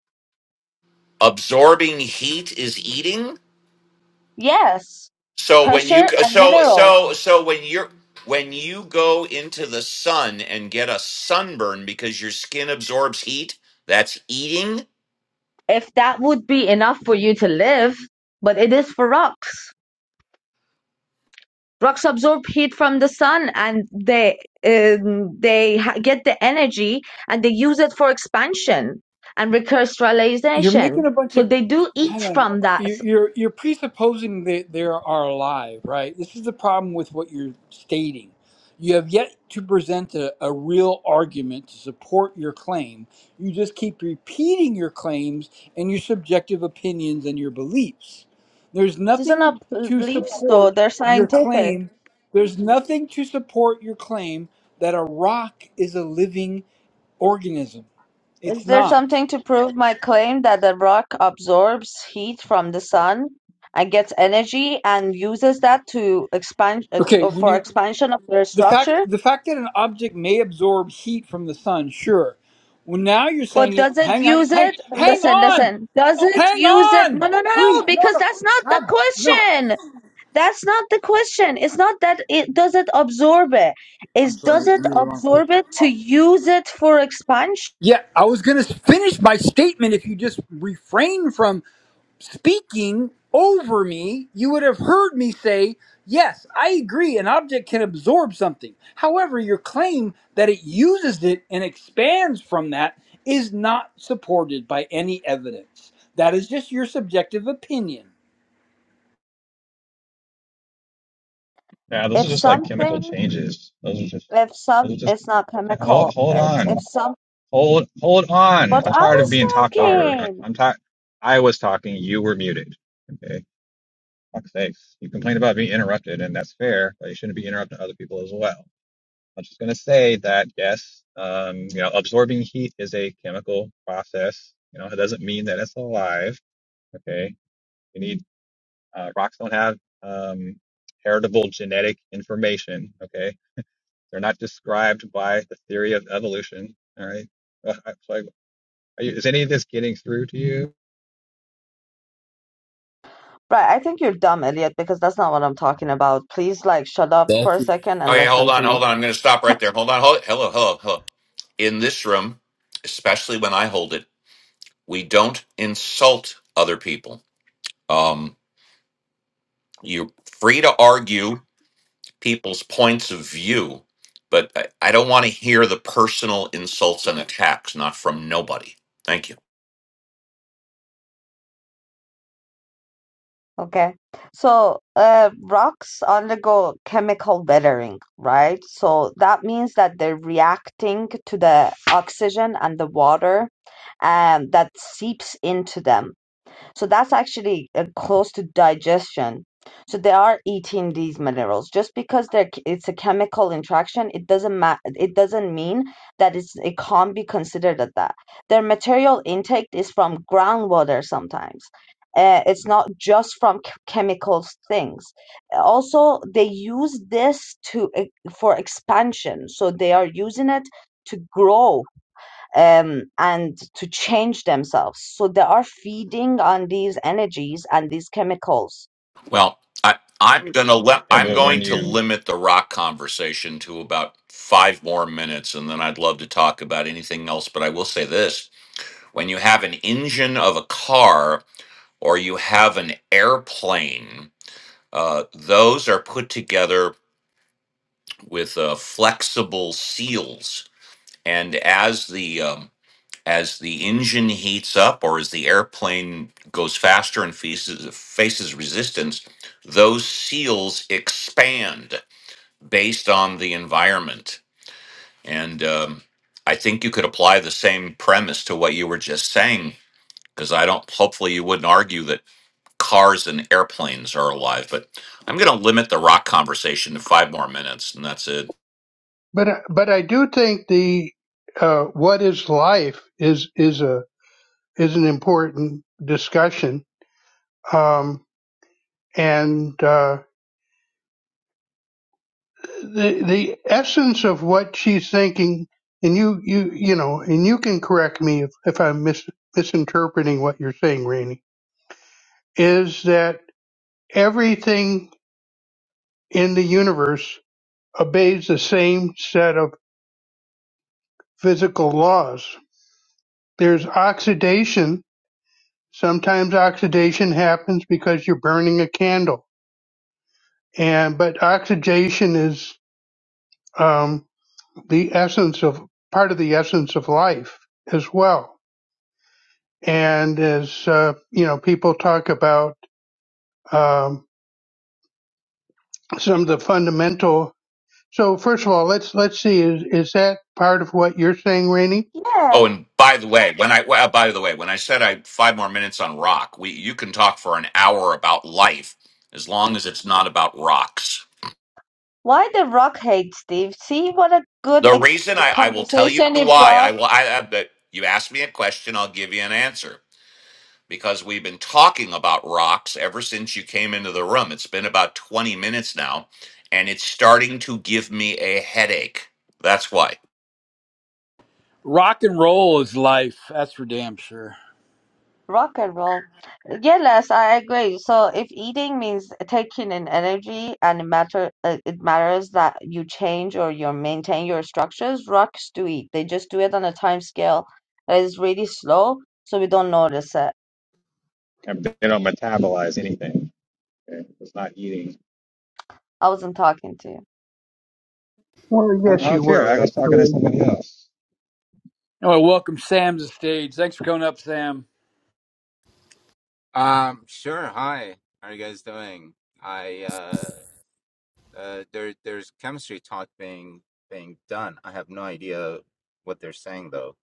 Speaker 2: Absorbing heat is eating.
Speaker 8: Yes,
Speaker 2: So when you
Speaker 8: pressure and
Speaker 2: so
Speaker 8: minerals.
Speaker 2: so so when you're when you go into the sun and get a sunburn because your skin absorbs heat, that's eating.
Speaker 8: If that would be enough for you to live, but it is for rocks. Rocks absorb heat from the sun, and they um, they ha- get the energy and they use it for expansion and
Speaker 9: You're making
Speaker 8: recrystallization.
Speaker 9: a bunch
Speaker 8: So
Speaker 9: of
Speaker 8: they do eat
Speaker 9: hang on.
Speaker 8: from that.
Speaker 9: You- You're you're presupposing that there are alive, right? This is the problem with what you're stating. You have yet to present a, a real argument to support your claim. You just keep repeating your claims and your subjective opinions and your beliefs. There's
Speaker 8: These are
Speaker 9: nothing
Speaker 8: not
Speaker 9: to
Speaker 8: beliefs, though;
Speaker 9: support
Speaker 8: they're
Speaker 9: your
Speaker 8: scientific.
Speaker 9: claim. There's nothing to support your claim that a rock is a living organism.
Speaker 8: Is
Speaker 9: It's
Speaker 8: there
Speaker 9: not.
Speaker 8: something to prove my claim that the rock absorbs heat from the sun and gets energy and uses that to expand ex-
Speaker 9: Okay,
Speaker 8: uh,
Speaker 9: when
Speaker 8: for
Speaker 9: you
Speaker 8: expansion of their
Speaker 9: the fact
Speaker 8: structure?
Speaker 9: the fact that an object may absorb heat from the sun, sure. Well, now you're
Speaker 8: But
Speaker 9: saying, it-
Speaker 8: does it
Speaker 9: hang on,
Speaker 8: use
Speaker 9: hang,
Speaker 8: it?
Speaker 9: hang
Speaker 8: Listen,
Speaker 9: on,
Speaker 8: listen. Does it
Speaker 9: hang
Speaker 8: use it? No,
Speaker 9: on,
Speaker 8: no, no,
Speaker 9: please,
Speaker 8: no,
Speaker 9: no,
Speaker 8: because
Speaker 9: no,
Speaker 8: that's not the
Speaker 9: God, no.
Speaker 8: question. That's not the question. It's not that it does it absorb it.
Speaker 9: I'm
Speaker 8: It's does
Speaker 9: sorry, I'm
Speaker 8: it
Speaker 9: really wrong
Speaker 8: absorb
Speaker 9: person.
Speaker 8: it to use it for expansion?
Speaker 9: Yeah, I was gonna finish my statement if you just refrain from. speaking over me, you would have heard me say, Yes, I agree, an object can absorb something. However, your claim that it uses it and expands from that is not supported by any evidence. That is just your subjective opinion.
Speaker 10: Yeah, those are
Speaker 8: If
Speaker 10: just like chemical
Speaker 8: something
Speaker 10: changes. Those are just
Speaker 8: if some
Speaker 10: those are just
Speaker 8: it's not
Speaker 10: hold
Speaker 8: chemical
Speaker 10: hold
Speaker 8: it's if
Speaker 10: on.
Speaker 8: some
Speaker 10: Hold, hold on.
Speaker 8: But
Speaker 10: I'm
Speaker 8: I
Speaker 10: tired of
Speaker 8: was
Speaker 10: being talked over. I-
Speaker 8: talking.
Speaker 10: I'm tired. I was talking. You were muted. Okay. Fuck's sakes. You complain about being interrupted, and that's fair, but you shouldn't be interrupting other people as well. I'm just going to say that, yes, um, you know, absorbing heat is a chemical process. You know, it doesn't mean that it's alive. Okay. You need, uh, rocks don't have, um, heritable genetic information. Okay. They're not described by the theory of evolution. All right. Ugh, I so I- Are you, is any of this getting through to you?
Speaker 8: Right, I think you're dumb, Elliot, because that's not what I'm talking about. Please, like, shut up for
Speaker 6: That's
Speaker 8: a
Speaker 6: it.
Speaker 8: second and
Speaker 2: Okay, hold
Speaker 8: listen to
Speaker 2: on,
Speaker 8: me.
Speaker 2: hold on. I'm going to stop right there. Hold on. Hold Hello, hello, hello. In this room, especially when I hold it, we don't insult other people. Um, you're free to argue people's points of view, but I, I don't want to hear the personal insults and attacks, not from nobody. Thank you.
Speaker 8: Okay. So, uh, rocks undergo chemical weathering, right? So that means that they're reacting to the oxygen and the water, um, that seeps into them. So that's actually uh, close to digestion. So they are eating these minerals. Just because they're, it's a chemical interaction, it doesn't ma- it doesn't mean that it's it can't be considered at that. Their material intake is from groundwater sometimes. Uh, it's not just from ch- chemicals things. Also, they use this to e- for expansion. So they are using it to grow um, and to change themselves. So they are feeding on these energies and these chemicals.
Speaker 2: Well, I, I'm gonna let
Speaker 10: Yeah,
Speaker 2: I'm
Speaker 10: but when
Speaker 2: going to
Speaker 10: you
Speaker 2: limit the rock conversation to about five more minutes, and then I'd love to talk about anything else. But I will say this. when you have an engine of a car or you have an airplane, uh, those are put together with uh, flexible seals. And as the um, as the engine heats up or as the airplane goes faster and faces, faces resistance, those seals expand based on the environment. And um, I think you could apply the same premise to what you were just saying because I don't. Hopefully, you wouldn't argue that cars and airplanes are alive. But I'm going to limit the rock conversation to five more minutes, and that's it.
Speaker 5: But I- but I do think the uh, what is life is is a is an important discussion. Um, and uh, the the essence of what she's thinking and you you you know and you can correct me if, if i'm mis- misinterpreting what you're saying rainey is that everything in the universe obeys the same set of physical laws there's oxidation sometimes oxidation happens because you're burning a candle and but oxidation is um, the essence of part of the essence of life as well And as uh, you know, people talk about um, some of the fundamental. So first of all, let's let's see. Is is that part of what you're saying, Rainey?
Speaker 8: Yeah.
Speaker 2: Oh, and by the way, when I well, by the way, when I said I five more minutes on rock, we you can talk for an hour about life as long as it's not about rocks.
Speaker 8: Why the rock hate, Steve? See what a good
Speaker 2: The
Speaker 8: ex-
Speaker 2: reason I, I will tell you
Speaker 8: conversation it
Speaker 2: why I
Speaker 8: brought.
Speaker 2: will I, I but you ask me a question, I'll give you an answer because we've been talking about rocks ever since you came into the room. It's been about 20 minutes now and it's starting to give me a headache. That's why.
Speaker 9: Rock and roll is life. That's for damn sure.
Speaker 8: Rock and roll. Yeah, Les, I agree. So if eating means taking in energy and it matter, uh, it matters that you change or you maintain your structures. Rocks do eat. They just do it on a time scale that is really slow, so we don't notice it.
Speaker 10: yeah, they don't metabolize anything, okay? it's not eating.
Speaker 8: I wasn't talking to you.
Speaker 5: Well,
Speaker 10: I, I
Speaker 5: yes, you
Speaker 10: don't care.
Speaker 5: were
Speaker 10: I was talking to
Speaker 5: actually.
Speaker 10: somebody else.
Speaker 9: Anyway, welcome Sam to the stage. Thanks for coming up, Sam.
Speaker 11: Um, sure. Hi. How are you guys doing? I uh, uh there there's chemistry talk being being done. I have no idea what they're saying though.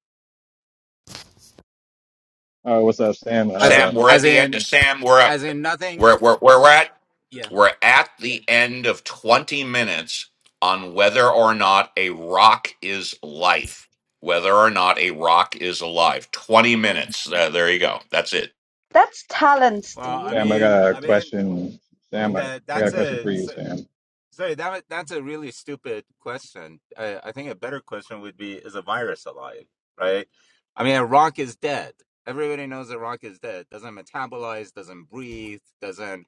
Speaker 10: Oh, what's up, Sam?
Speaker 11: As
Speaker 10: Uh,
Speaker 2: Sam, we're at
Speaker 11: as
Speaker 2: the end of
Speaker 11: in
Speaker 2: Sam. We're at
Speaker 11: as in nothing.
Speaker 2: we're we're we're at
Speaker 11: Yeah.
Speaker 2: we're at the end of twenty minutes on whether or not a rock is life. Whether or not a rock is alive. Twenty minutes. Uh, there you go. That's it.
Speaker 8: That's talent,
Speaker 11: Well, I
Speaker 8: Steve.
Speaker 10: Sam, I
Speaker 11: mean,
Speaker 10: got a
Speaker 11: I mean,
Speaker 10: question. Sam,
Speaker 11: and
Speaker 10: I,
Speaker 11: that
Speaker 10: I got
Speaker 11: that's
Speaker 10: a question
Speaker 11: a
Speaker 10: for you, Sam.
Speaker 11: Sorry, that that's a really stupid question. I, I think a better question would be: Is a virus alive? Right? I mean, a rock is dead. Everybody knows a rock is dead. Doesn't metabolize, doesn't breathe, doesn't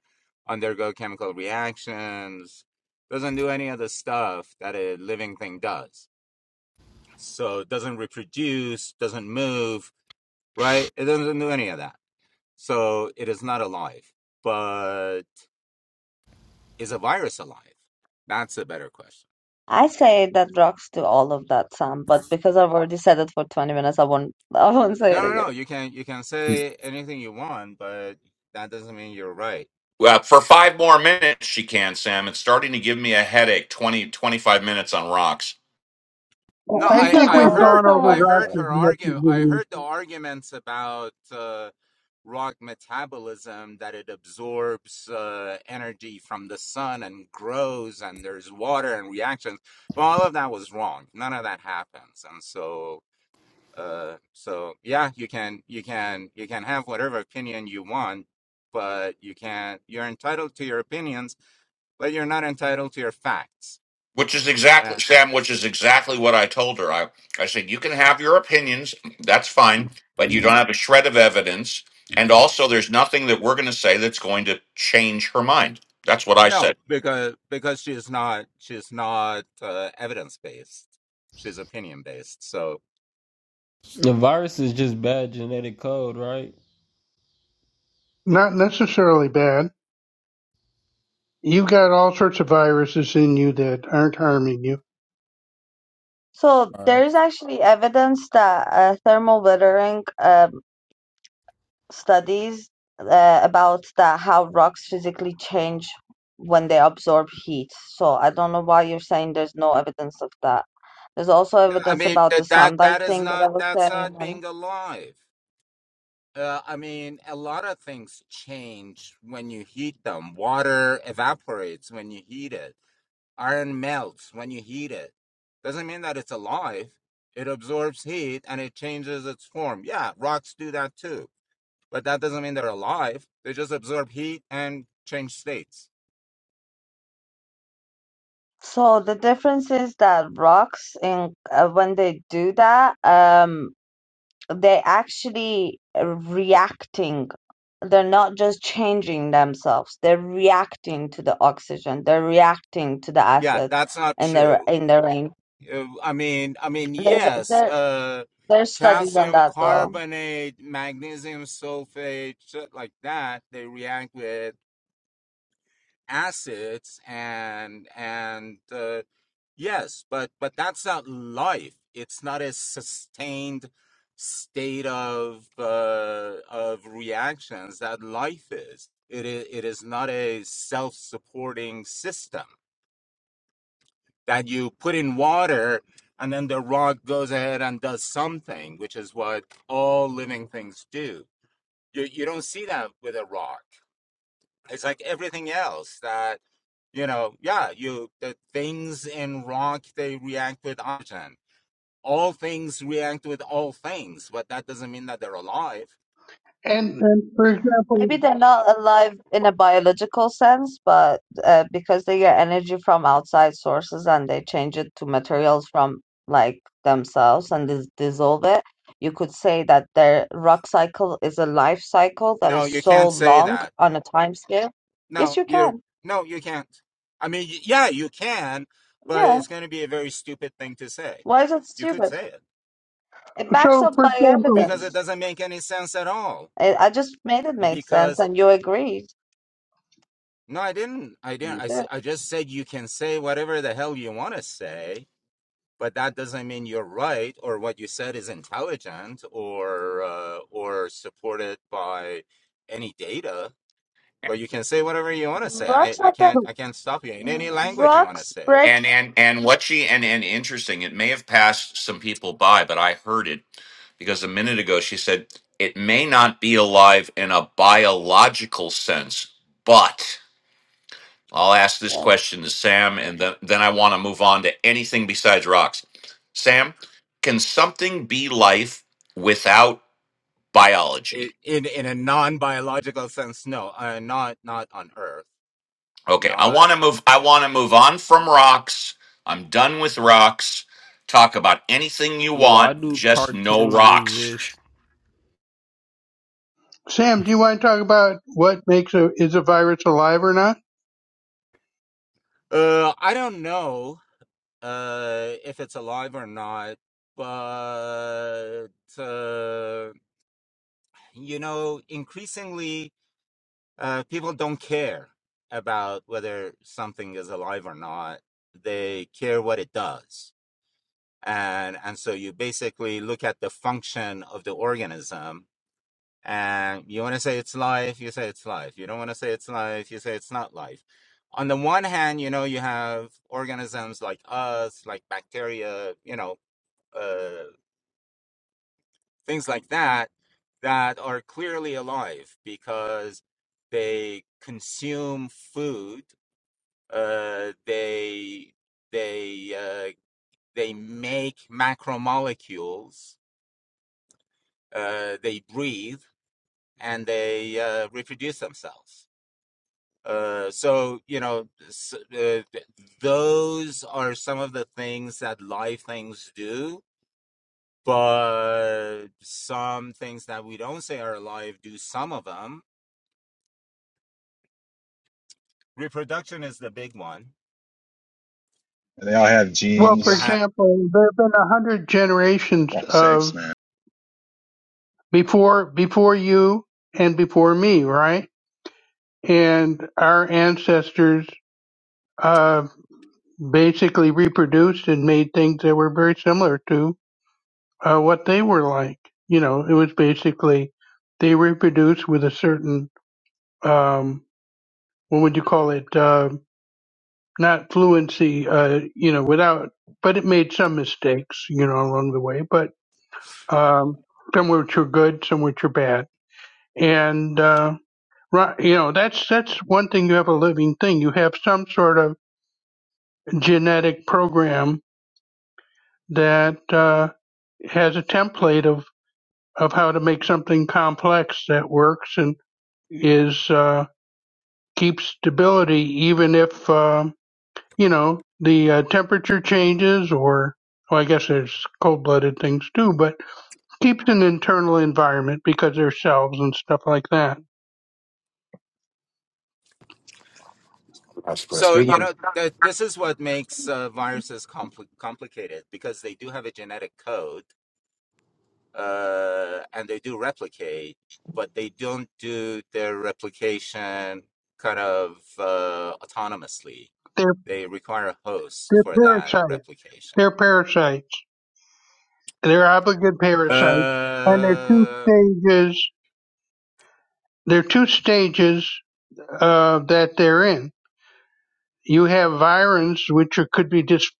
Speaker 11: undergo chemical reactions, doesn't do any of the stuff that a living thing does. So it doesn't reproduce, doesn't move, right? It doesn't do any of that. So it is not alive. But is a virus alive? That's a better question.
Speaker 8: I say that rocks do all of that, Sam, but because I've already said it for 20 minutes, I won't I won't say
Speaker 11: No,
Speaker 8: it
Speaker 11: no, no.
Speaker 8: again.
Speaker 11: You can you can say anything you want, but that doesn't mean you're right.
Speaker 2: Well, for five more minutes, she can, Sam. It's starting to give me a headache. 20 25 minutes on rocks.
Speaker 11: No,
Speaker 5: I
Speaker 11: I
Speaker 5: think
Speaker 11: I
Speaker 5: we've
Speaker 11: heard
Speaker 5: gone over
Speaker 11: I
Speaker 5: rocks
Speaker 11: heard
Speaker 8: Okay.
Speaker 5: as
Speaker 11: her
Speaker 5: much as
Speaker 11: argument.
Speaker 5: we
Speaker 11: I
Speaker 5: need.
Speaker 11: heard the arguments about uh, rock metabolism that it absorbs uh, energy from the sun and grows, and there's water and reactions. But all of that was wrong. None of that happens, and so uh, so yeah, you can you can you can have whatever opinion you want, but you can't. You're entitled to your opinions but you're not entitled to your facts.
Speaker 2: Which is exactly
Speaker 11: Uh,
Speaker 2: Sam, which is exactly what I told her. I, I said, you can have your opinions, that's fine, but you don't have a shred of evidence. And also there's nothing that we're gonna say that's going to change her mind. That's what I said.
Speaker 11: no, because because she's not she's not uh, evidence based. She's opinion based. So
Speaker 6: the virus is just bad genetic code, right?
Speaker 5: Not necessarily bad. You've got all sorts of viruses in you that aren't harming you.
Speaker 8: So
Speaker 6: All
Speaker 8: there
Speaker 6: right.
Speaker 8: is actually evidence that uh, thermal weathering um, studies uh, about that how rocks physically change when they absorb heat. So I don't know why you're saying there's no evidence of that. There's also
Speaker 11: no, I
Speaker 8: evidence
Speaker 11: mean
Speaker 8: about the
Speaker 11: that that
Speaker 8: sunlight
Speaker 11: that is
Speaker 8: thing that I
Speaker 11: not
Speaker 8: was
Speaker 11: that's not
Speaker 8: saying.
Speaker 11: being alive. Uh, I mean, a lot of things change when you heat them. Water evaporates when you heat it. Iron melts when you heat it. Doesn't mean that it's alive. It absorbs heat and it changes its form. Yeah, rocks do that too but that doesn't mean they're alive. They just absorb heat and change states.
Speaker 8: So the difference is that rocks, in uh, when they do that, um, they actually reacting. They're not just changing themselves. They're reacting to the oxygen. They're reacting to the
Speaker 11: Yeah,
Speaker 8: acids
Speaker 11: that's not
Speaker 8: in their
Speaker 11: true.
Speaker 8: in the rain.
Speaker 11: Uh, I mean, I mean,
Speaker 8: There's
Speaker 11: yes,
Speaker 8: there
Speaker 11: uh,
Speaker 8: there's studies on
Speaker 11: calcium
Speaker 8: that though.
Speaker 11: carbonate, magnesium sulfate, shit like that. They react with acids and and uh, Yes, but but that's not life. It's not a sustained state of uh, of reactions that life is. It is it is not a self-supporting system that you put in water and then the rock goes ahead and does something, which is what all living things do. You you don't see that with a rock. It's like everything else that you know, yeah, you the things in rock they react with oxygen all things react with all things, but that doesn't mean that they're alive.
Speaker 5: And and for example,
Speaker 8: Maybe they're not alive in a biological sense, but uh, because they get energy from outside sources and they change it to materials from like themselves and dis dissolve it, you could say that their rock cycle is a life cycle that
Speaker 11: No,
Speaker 8: is
Speaker 11: you
Speaker 8: so
Speaker 11: can't say
Speaker 8: long
Speaker 11: that.
Speaker 8: on a time scale. Yes,
Speaker 11: No,
Speaker 8: you
Speaker 11: you
Speaker 8: can.
Speaker 11: no, you can't. I mean, y- yeah, you can, but
Speaker 8: Yeah.
Speaker 11: it's going to be a very stupid thing to say.
Speaker 8: Why is it
Speaker 11: You could
Speaker 8: stupid?
Speaker 11: say it
Speaker 8: It backs
Speaker 5: so
Speaker 8: up
Speaker 5: for
Speaker 8: by
Speaker 5: example,
Speaker 11: because it
Speaker 8: evidence.
Speaker 11: doesn't make any sense at all.
Speaker 8: I, I just made it make sense
Speaker 11: Because
Speaker 8: and you agreed.
Speaker 11: no, I didn't. I didn't.
Speaker 8: You
Speaker 11: I, s-
Speaker 8: did.
Speaker 11: I just said you can say whatever the hell you want to say, but that doesn't mean you're right or what you said is intelligent or uh, or supported by any data but you can say whatever you want to say. I,
Speaker 8: Rocks
Speaker 11: I
Speaker 8: have that.
Speaker 11: can't I can't stop you in any language you want to
Speaker 8: Rocks
Speaker 11: say it.
Speaker 8: break.
Speaker 2: And and and what she and and interesting, it may have passed some people by, but I heard it because a minute ago she said it may not be alive in a biological sense, but I'll ask this
Speaker 8: yeah.
Speaker 2: question to Sam, and then, then I want to move on to anything besides rocks. Sam, can something be life without biology?
Speaker 11: It In in a non biological sense, no, uh, not not on Earth,
Speaker 2: Okay, I
Speaker 11: not
Speaker 2: want to move. I
Speaker 11: yeah.
Speaker 2: want to move on from rocks. I'm done with rocks. Talk about anything you want,
Speaker 6: Why do
Speaker 2: just no
Speaker 6: cartoons
Speaker 2: rocks.
Speaker 6: exist?
Speaker 5: Sam, do you want to talk about what makes a is a virus alive or not?
Speaker 11: Uh, I don't know uh if it's alive or not, but uh, you know, increasingly uh, people don't care about whether something is alive or not. They care what it does and and so you basically look at the function of the organism and you want to say it's life you say it's life you don't want to say it's life you say it's not life on the one hand you know you have organisms like us like bacteria you know uh, things like that that are clearly alive because they consume food uh, they they uh, they make macromolecules uh, they breathe and they uh, reproduce themselves. Uh, so you know, uh, those are some of the things that live things do. But some things that we don't say are alive do some of them. Reproduction is the big one.
Speaker 10: And they all have
Speaker 5: Well, for
Speaker 11: You
Speaker 10: genes.
Speaker 11: have
Speaker 5: example, there have been a hundred generations
Speaker 10: Fuck's sakes,
Speaker 5: of
Speaker 10: man.
Speaker 5: before before you and before me, right? And our ancestors uh, basically reproduced and made things that were very similar to uh, what they were like. You know, it was basically they reproduced with a certain um, what would you call it? Uh, not fluency, uh, you know, without, but it made some mistakes, you know, along the way, but um, some which are good, some which are bad. And uh, right, you know that's that's one thing. You have a living thing. You have some sort of genetic program that uh, has a template of of how to make something complex that works and is uh, keeps stability, even if um you know the uh, temperature changes or. Well, I guess there's cold-blooded things too, but keeps an internal environment because there's cells and stuff like that
Speaker 12: That's, that's
Speaker 11: so
Speaker 12: good.
Speaker 11: you know that this is what makes uh, viruses compli complicated because they do have a genetic code uh, and they do replicate, but they don't do their replication kind of uh, autonomously. They require a host
Speaker 5: They're
Speaker 11: for that
Speaker 5: parasites.
Speaker 11: replication.
Speaker 5: They're parasites. They're obligate parasites, and there are two
Speaker 11: Uh,
Speaker 5: stages. There are two stages uh, that they're in. You have virins, which are, could be just,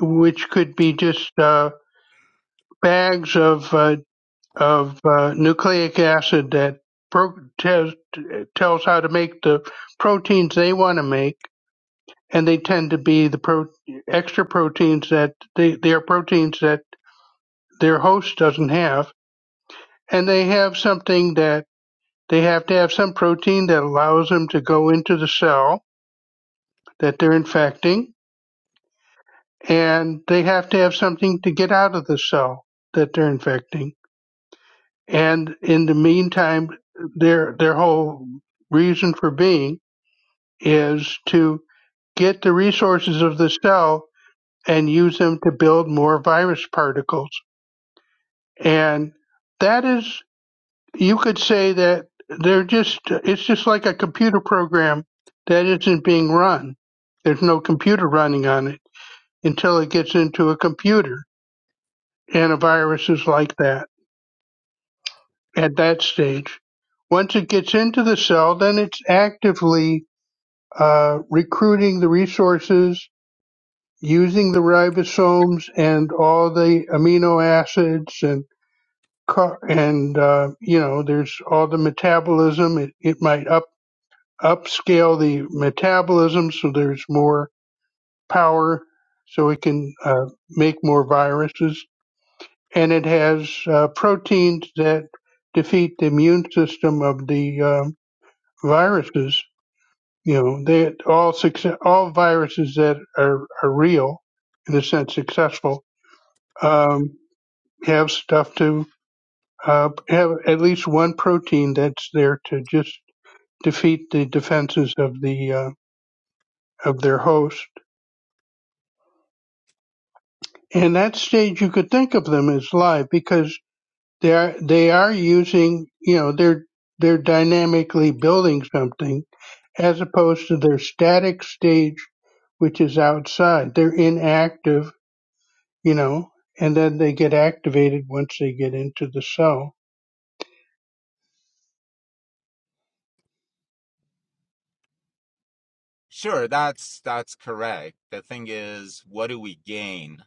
Speaker 5: which could be just uh, bags of uh, of uh, nucleic acid that pro- tells tells how to make the proteins they want to make, and they tend to be the pro- extra proteins that they they are proteins that their host doesn't have and they have something that they have to have some protein that allows them to go into the cell that they're infecting, and they have to have something to get out of the cell that they're infecting. And in the meantime, their their whole reason for being is to get the resources of the cell and use them to build more virus particles. And that is you could say that they're just it's just like a computer program that isn't being run there's no computer running on it until it gets into a computer and a virus is like that at that stage once it gets into the cell then it's actively uh, recruiting the resources using the ribosomes and all the amino acids and car- and uh, you know there's all the metabolism it, it might up upscale the metabolism so there's more power so it can uh, make more viruses. And it has uh, proteins that defeat the immune system of the um, viruses. You know, they all success, all viruses that are, are real, in a sense, successful, um, have stuff to uh, have at least one protein that's there to just defeat the defenses of the uh, of their host and that stage you could think of them as live because they are they are using you know they're they're dynamically building something as opposed to their static stage which is outside they're inactive you know and then they get activated once they get into the cell
Speaker 11: sure, that's that's correct. The thing is, what do we gain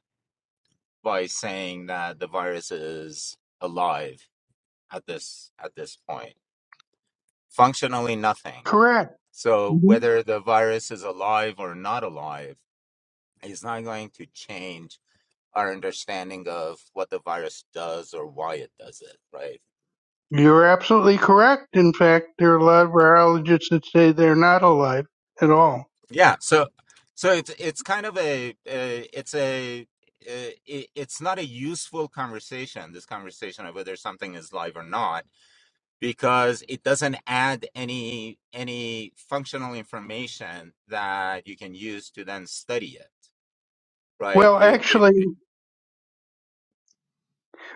Speaker 11: by saying that the virus is alive at this at this point? Functionally, nothing.
Speaker 5: correct
Speaker 11: So
Speaker 5: Mhm.
Speaker 11: whether the virus is alive or not alive is not going to change our understanding of what the virus does or why it does it, right?
Speaker 5: you're absolutely correct in fact there are a lot of virologists that say they're not alive at all
Speaker 11: Yeah, so so it's it's kind of a, a it's a uh, it, it's not a useful conversation. This conversation of whether something is live or not, because it doesn't add any any functional information that you can use to then study it. right?
Speaker 5: well
Speaker 11: It, it,
Speaker 5: actually
Speaker 11: it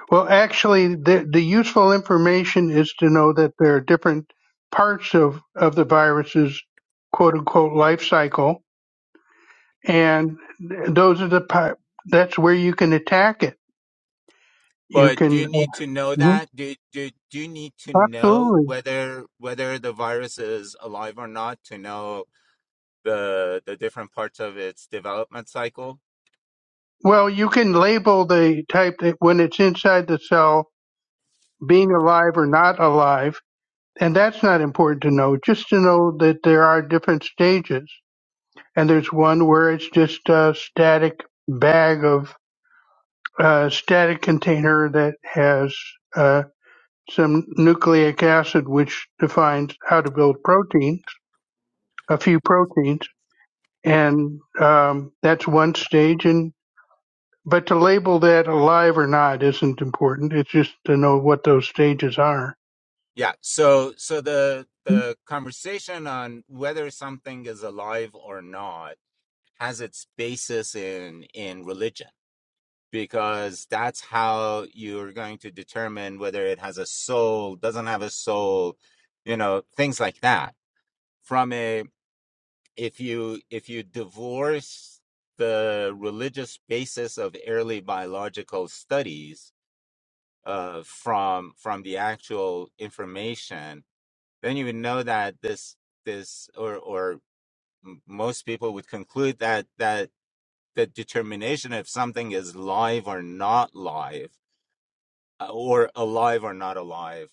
Speaker 5: Well, actually, the, the useful information is to know that there are different parts of, of the virus's quote unquote life cycle. And th- those are the part, that's where you can attack it. You
Speaker 11: But do
Speaker 5: can,
Speaker 11: you need to know
Speaker 5: Mhm.
Speaker 11: that? Do, do, do you need to know
Speaker 5: absolutely.
Speaker 11: whether whether the virus is alive or not to know the the different parts of its development cycle?
Speaker 5: Well, you can label the type that when it's inside the cell being alive or not alive. And that's not important to know, just to know that there are different stages. And there's one where it's just a static bag of a static container that has uh, some nucleic acid, which defines how to build proteins, a few proteins, and um, that's one stage. And but to label that alive or not isn't important. It's just to know what those stages are.
Speaker 11: Yeah. So so the the conversation on whether something is alive or not has its basis in in religion because that's how you're going to determine whether it has a soul, doesn't have a soul, you know, things like that. From a if you if you divorce the religious basis of early biological studies uh, from from the actual information, then you would know that this this or or m- most people would conclude that that the determination if something is live or not live uh, or alive or not alive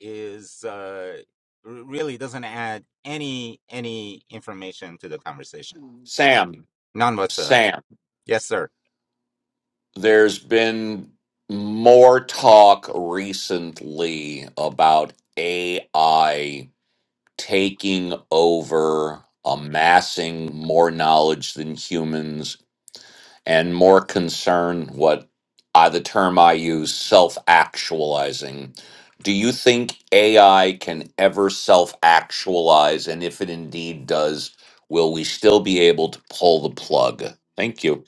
Speaker 11: is uh, r- really doesn't add any any information to the conversation
Speaker 2: Sam,
Speaker 11: none whatsoever
Speaker 2: Sam,
Speaker 11: yes sir
Speaker 2: there's been more talk recently about AI taking over, amassing more knowledge than humans, and more concern what I the term I use, self-actualizing. Do you think AI can ever self-actualize? And if it indeed does, will we still be able to pull the plug? Thank you.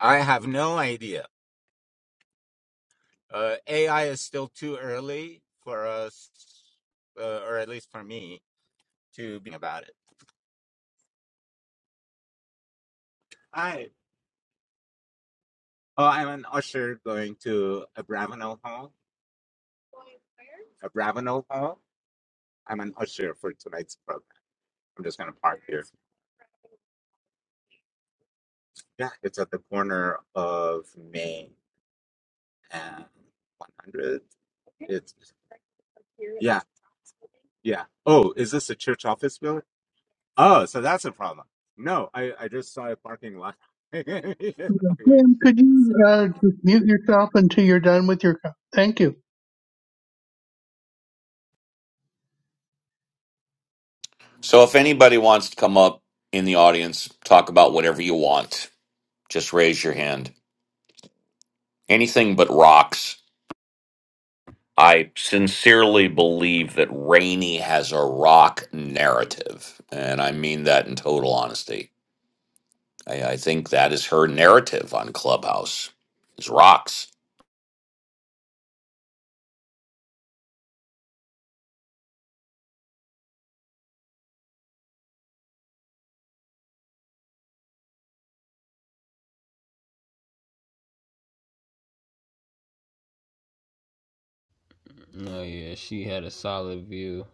Speaker 11: i have no idea uh, ai is still too early for us uh, or at least for me to be about it Hi. oh i'm an usher going to a bravenel hall a bravenel hall i'm an usher for tonight's program i'm just going to park here yeah it's at the corner of Main. and 100. It's yeah, yeah. Oh, is this a church office building? Oh, so that's a problem. No, I I just saw a parking lot. Okay.
Speaker 5: Graham, could you uh, just mute yourself until you're done with your? Thank you.
Speaker 2: So if anybody wants to come up in the audience, talk about whatever you want. Just raise your hand. Anything but rocks. I sincerely believe that Rainey has a rock narrative, and I mean that in total honesty. I, I think that is her narrative on Clubhouse is rocks.
Speaker 6: Oh yeah, she had a solid view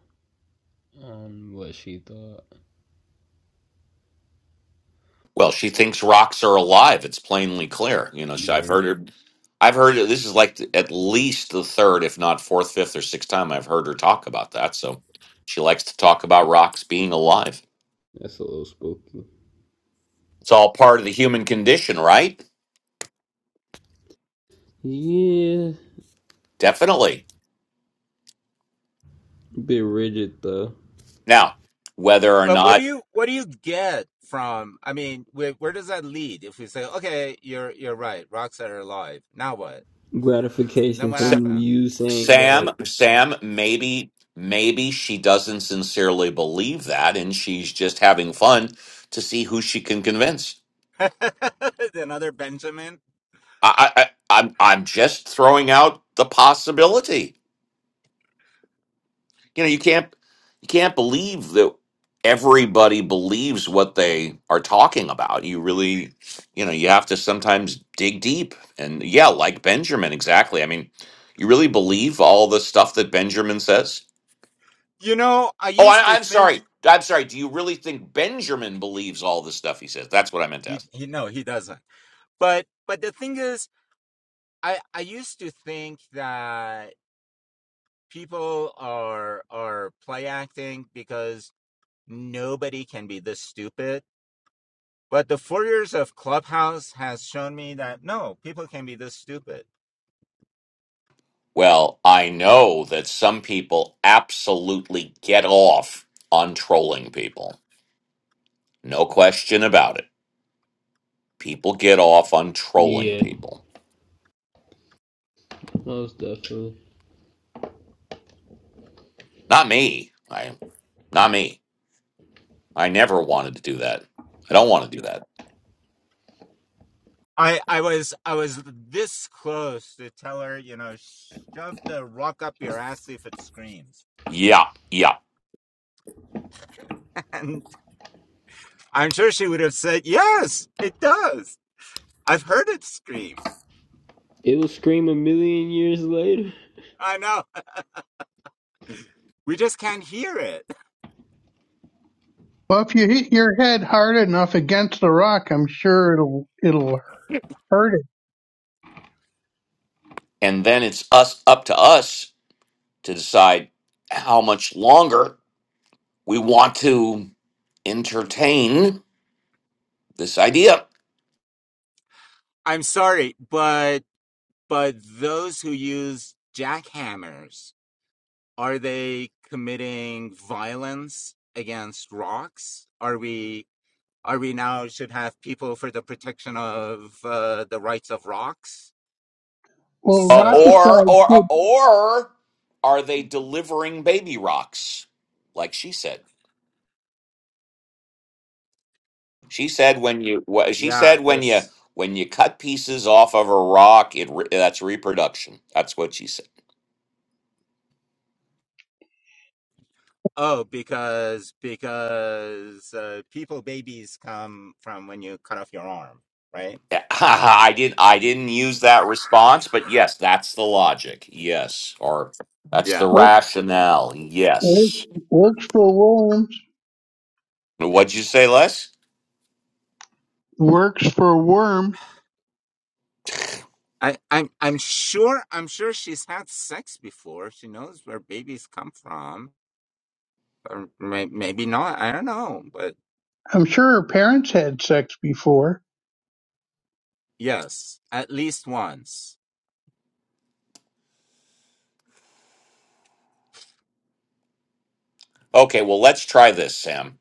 Speaker 6: on what she thought.
Speaker 2: Well, she thinks rocks are alive. It's plainly clear. You know, she, I've
Speaker 6: Yeah,
Speaker 2: heard her. I've heard her- this is like th- at least the third, if not fourth, fifth, or sixth time I've heard her talk about that. So she likes to talk about rocks being alive.
Speaker 6: that's a little spooky.
Speaker 2: It's all part of the human condition, right?
Speaker 6: Yeah,
Speaker 2: Definitely.
Speaker 6: bit rigid though.
Speaker 2: Now, whether or
Speaker 11: But what do
Speaker 2: not
Speaker 11: you what do you get from? I mean, where, where does that lead? If we say, okay, you're you're right, rocks are alive. Now what? Then
Speaker 6: Gratification
Speaker 11: what
Speaker 6: from
Speaker 11: happened?
Speaker 6: you saying
Speaker 2: Sam,
Speaker 6: that.
Speaker 2: Sam, maybe, maybe she doesn't sincerely believe that, and she's just having fun to see who she can convince.
Speaker 11: Another Benjamin?
Speaker 2: I, I, I I'm, I'm just throwing out the possibility. You know, you can't, you can't believe that everybody believes what they are talking about. You really, you know, you have to sometimes dig deep. And yeah, like Benjamin, exactly. I mean, you really believe all the stuff that Benjamin says?
Speaker 11: You know, I
Speaker 2: Oh,
Speaker 11: used
Speaker 2: I,
Speaker 11: to
Speaker 2: I'm
Speaker 11: think
Speaker 2: sorry. I'm sorry. Do you really think Benjamin believes all the stuff he says? That's what I meant to
Speaker 11: he
Speaker 2: ask.
Speaker 11: he no, he doesn't. But but the thing is, I I used to think that. people are are play acting because nobody can be this stupid. But the four years of Clubhouse has shown me that no, people can be this stupid.
Speaker 2: Well, I know that some people absolutely get off on trolling people. No question about it. People get off on trolling
Speaker 6: Yeah,
Speaker 2: people.
Speaker 6: most definitely.
Speaker 2: Not me. I not me. I never wanted to do that. I don't want to do that.
Speaker 11: I I was I was this close to tell her, you know, shove the rock up your ass if it screams,
Speaker 2: Yeah, yeah.
Speaker 11: and I'm sure she would have said yes, it does. I've heard it scream.
Speaker 6: It will scream a million years later.
Speaker 11: I know. We just can't hear it.
Speaker 5: Well, if you hit your head hard enough against the rock, I'm sure it'll it'll hurt it.
Speaker 2: And then it's us up to us to decide how much longer we want to entertain This idea,
Speaker 11: I'm sorry, but but those who use jackhammers Are they committing violence against rocks? Are we are we now should have people for the protection of uh, the rights of rocks?
Speaker 5: Well,
Speaker 2: Uh,
Speaker 5: rock
Speaker 11: So
Speaker 2: or
Speaker 5: aside,
Speaker 2: or uh,
Speaker 5: good.
Speaker 2: or are they delivering baby rocks? Like she said, she said when you wha- she
Speaker 11: yeah,
Speaker 2: said when you
Speaker 11: this
Speaker 2: when you cut pieces off of a rock, it re- that's reproduction. That's what she said.
Speaker 11: oh because because uh, people babies come from when you cut off your arm, right?
Speaker 2: Yeah, I didn't I didn't use that response, but yes, that's the logic. Yes, or that's the
Speaker 11: Yeah.
Speaker 2: rationale.
Speaker 5: Work-
Speaker 2: Yes.
Speaker 5: Works for worms.
Speaker 2: What'd you say, Les?
Speaker 5: Works for a worm.
Speaker 11: I, I'm I'm sure I'm sure she's had sex before. She knows where babies come from, or may, maybe not. I don't know, but
Speaker 5: I'm sure her parents had sex before.
Speaker 11: Yes, at least once.
Speaker 2: Okay, well let's try this, Sam.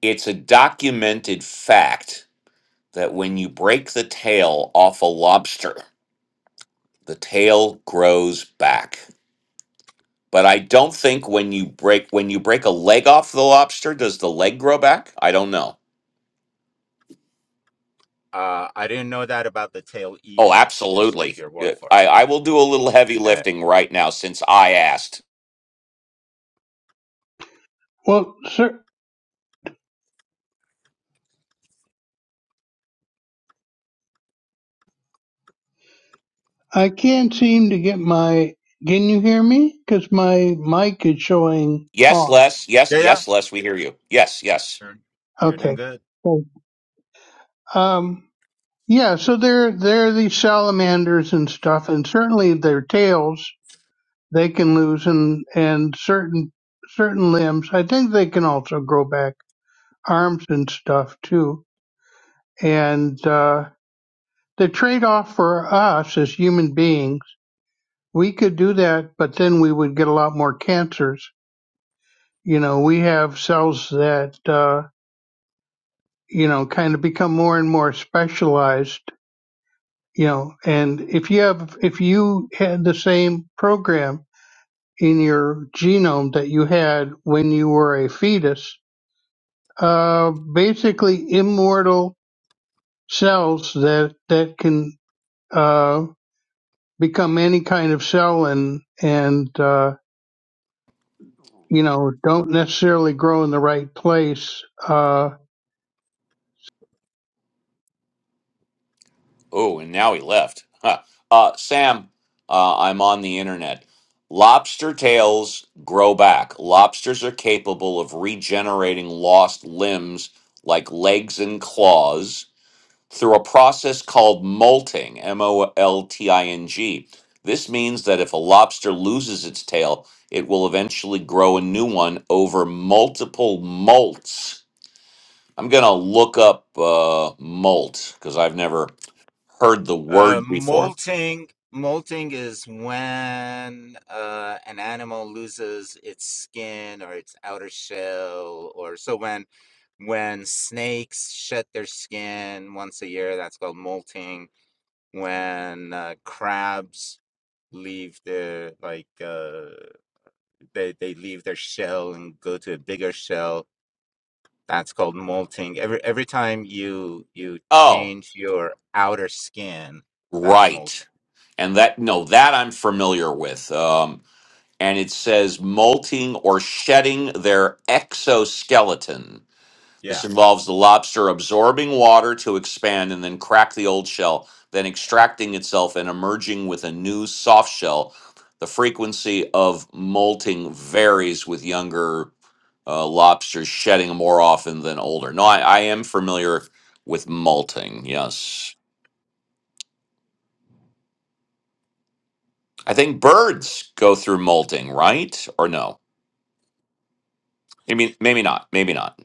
Speaker 2: It's a documented fact that when you break the tail off a lobster, the tail grows back. But I don't think when you break when you break a leg off the lobster, does the leg grow back? I don't know.
Speaker 11: Uh, I didn't know that about the tail
Speaker 2: Oh,
Speaker 11: either. I just take
Speaker 2: absolutely.
Speaker 11: your word
Speaker 2: Yeah,
Speaker 11: for
Speaker 2: I,
Speaker 11: it.
Speaker 2: I will do a little heavy
Speaker 11: Uh,
Speaker 2: lifting right now since I asked.
Speaker 5: Well, sir, I can't seem to get my. Can you hear me? Because my mic is showing
Speaker 2: Yes,
Speaker 5: off.
Speaker 2: Les. Yes,
Speaker 11: yeah, yeah,
Speaker 2: yes, Les, we hear you. Yes, yes.
Speaker 11: you're, you're
Speaker 5: Okay.
Speaker 11: doing good.
Speaker 5: So, um, yeah. So there, there are these salamanders and stuff, and certainly their tails they can lose, and and certain certain limbs. I think they can also grow back arms and stuff too. And uh, The trade-off for us as human beings, we could do that, but then we would get a lot more cancers. You know, we have cells that, uh, you know, kind of become more and more specialized, you know, and if you have, if you had the same program in your genome that you had when you were a fetus, uh, basically immortal cells that, that can, uh, become any kind of cell and, and, uh, you know, don't necessarily grow in the right place. Uh,
Speaker 2: Oh, and now he left. Huh. Uh, Sam, uh, I'm on the internet. Lobster tails grow back. Lobsters are capable of regenerating lost limbs like legs and claws through a process called molting, M O L T I N G. This means that if a lobster loses its tail, it will eventually grow a new one over multiple molts. I'm going to look up uh, molt because I've never heard the
Speaker 11: Uh,
Speaker 2: word before.
Speaker 11: molting, molting is when uh, an animal loses its skin or its outer shell, or so when when snakes shed their skin once a year, that's called molting. When uh, crabs leave their like uh, they they leave their shell and go to a bigger shell that's called molting every every time you you
Speaker 2: Oh,
Speaker 11: change your outer skin that's
Speaker 2: right.
Speaker 11: molting
Speaker 2: And that, no, that I'm familiar with. Um, and it says molting or shedding their exoskeleton. This
Speaker 11: yeah
Speaker 2: involves the lobster absorbing water to expand and then crack the old shell, then extracting itself and emerging with a new soft shell. The frequency of molting varies with younger uh, lobsters shedding more often than older. No, I, I am familiar with molting, yes. I think birds go through molting, right? Or no? I mean, maybe not. Maybe not.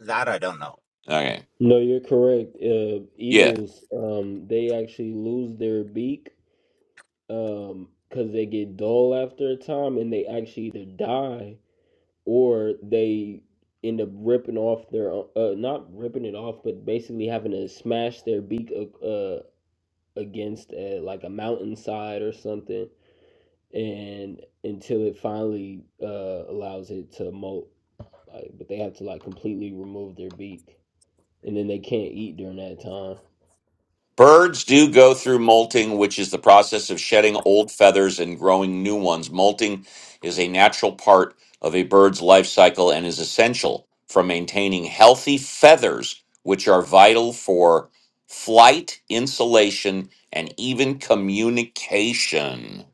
Speaker 11: that i don't know
Speaker 2: Okay.
Speaker 6: No, you're correct. Uh,
Speaker 2: Yeah.
Speaker 6: eagles, um, they actually lose their beak um, because they get dull after a time, and they actually either die or they end up ripping off their uh, not ripping it off, but basically having to smash their beak uh, against uh, like a mountainside or something and until it finally uh, allows it to molt. Like, but they have to like completely remove their beak, and then they can't eat during that time.
Speaker 2: Birds do go through molting, which is the process of shedding old feathers and growing new ones. Molting is a natural part of a bird's life cycle and is essential for maintaining healthy feathers, which are vital for flight, insulation, and even communication.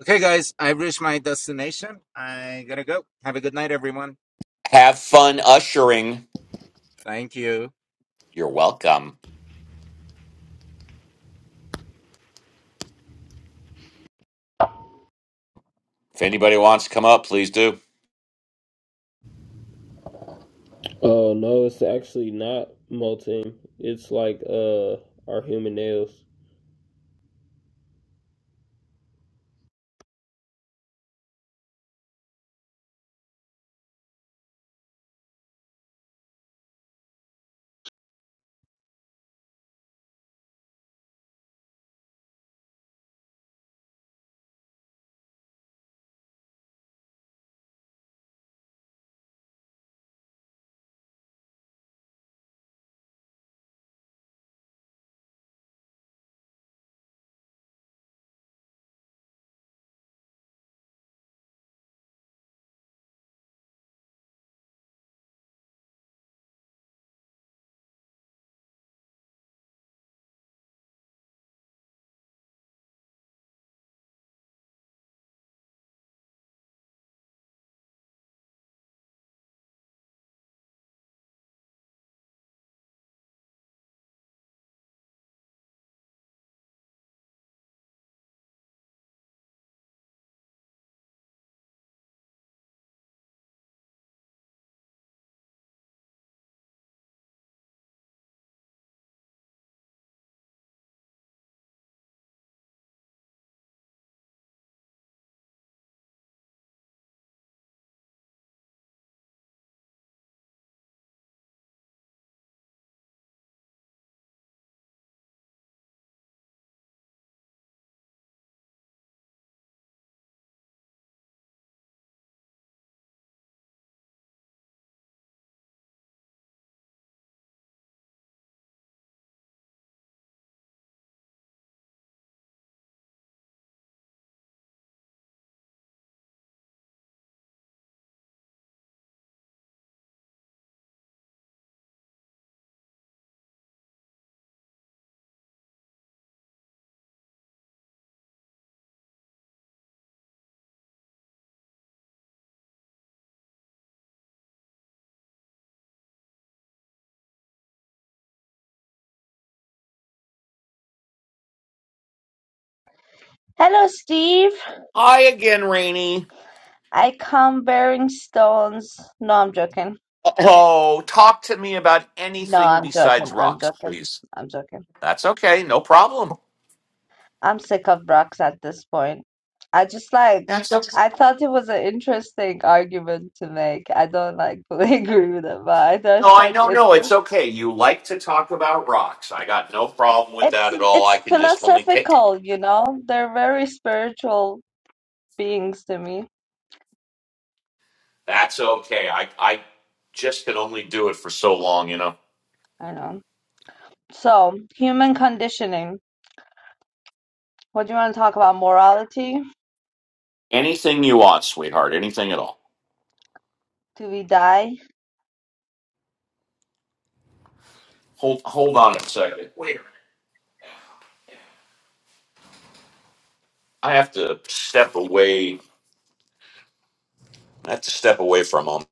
Speaker 11: okay guys i've reached my destination i gotta go have a good night everyone
Speaker 2: Have fun ushering.
Speaker 11: thank you
Speaker 2: You're welcome. If anybody wants to come up, please do.
Speaker 6: Oh no, it's actually not molting. It's like uh our human nails.
Speaker 8: Hello, Steve.
Speaker 2: Hi again, Rainey.
Speaker 8: I come bearing stones. No, I'm joking.
Speaker 2: Oh, talk to me about
Speaker 8: No,
Speaker 2: anything
Speaker 8: I'm
Speaker 2: besides
Speaker 8: joking. I'm
Speaker 2: rocks,
Speaker 8: joking.
Speaker 2: please.
Speaker 8: I'm joking.
Speaker 2: That's okay. No problem.
Speaker 8: I'm sick of Brock's at this point. I just like,
Speaker 2: That's okay.
Speaker 8: I thought it was an interesting argument to make. I don't like fully agree with it, but I
Speaker 2: No,
Speaker 8: just
Speaker 2: I
Speaker 8: like
Speaker 2: know.
Speaker 8: it,
Speaker 2: No, it's
Speaker 8: it's
Speaker 2: okay. You like to talk about rocks. I got no problem with
Speaker 8: it's
Speaker 2: that at all. I
Speaker 8: it's
Speaker 2: can just only pick.
Speaker 8: philosophical, you know? They're very spiritual beings to me.
Speaker 2: That's okay. I, I just can only do it for so long, you know.
Speaker 8: I know. So, human conditioning. What do you want to talk about? Morality?
Speaker 2: Anything you want, sweetheart. Anything at all.
Speaker 8: Do we die?
Speaker 2: Hold, hold on a second. Wait. a minute. I have to step away. I have to step away for a moment.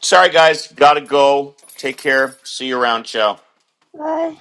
Speaker 2: Sorry, guys. Gotta go. Take care. See you around. Ciao.
Speaker 8: Bye.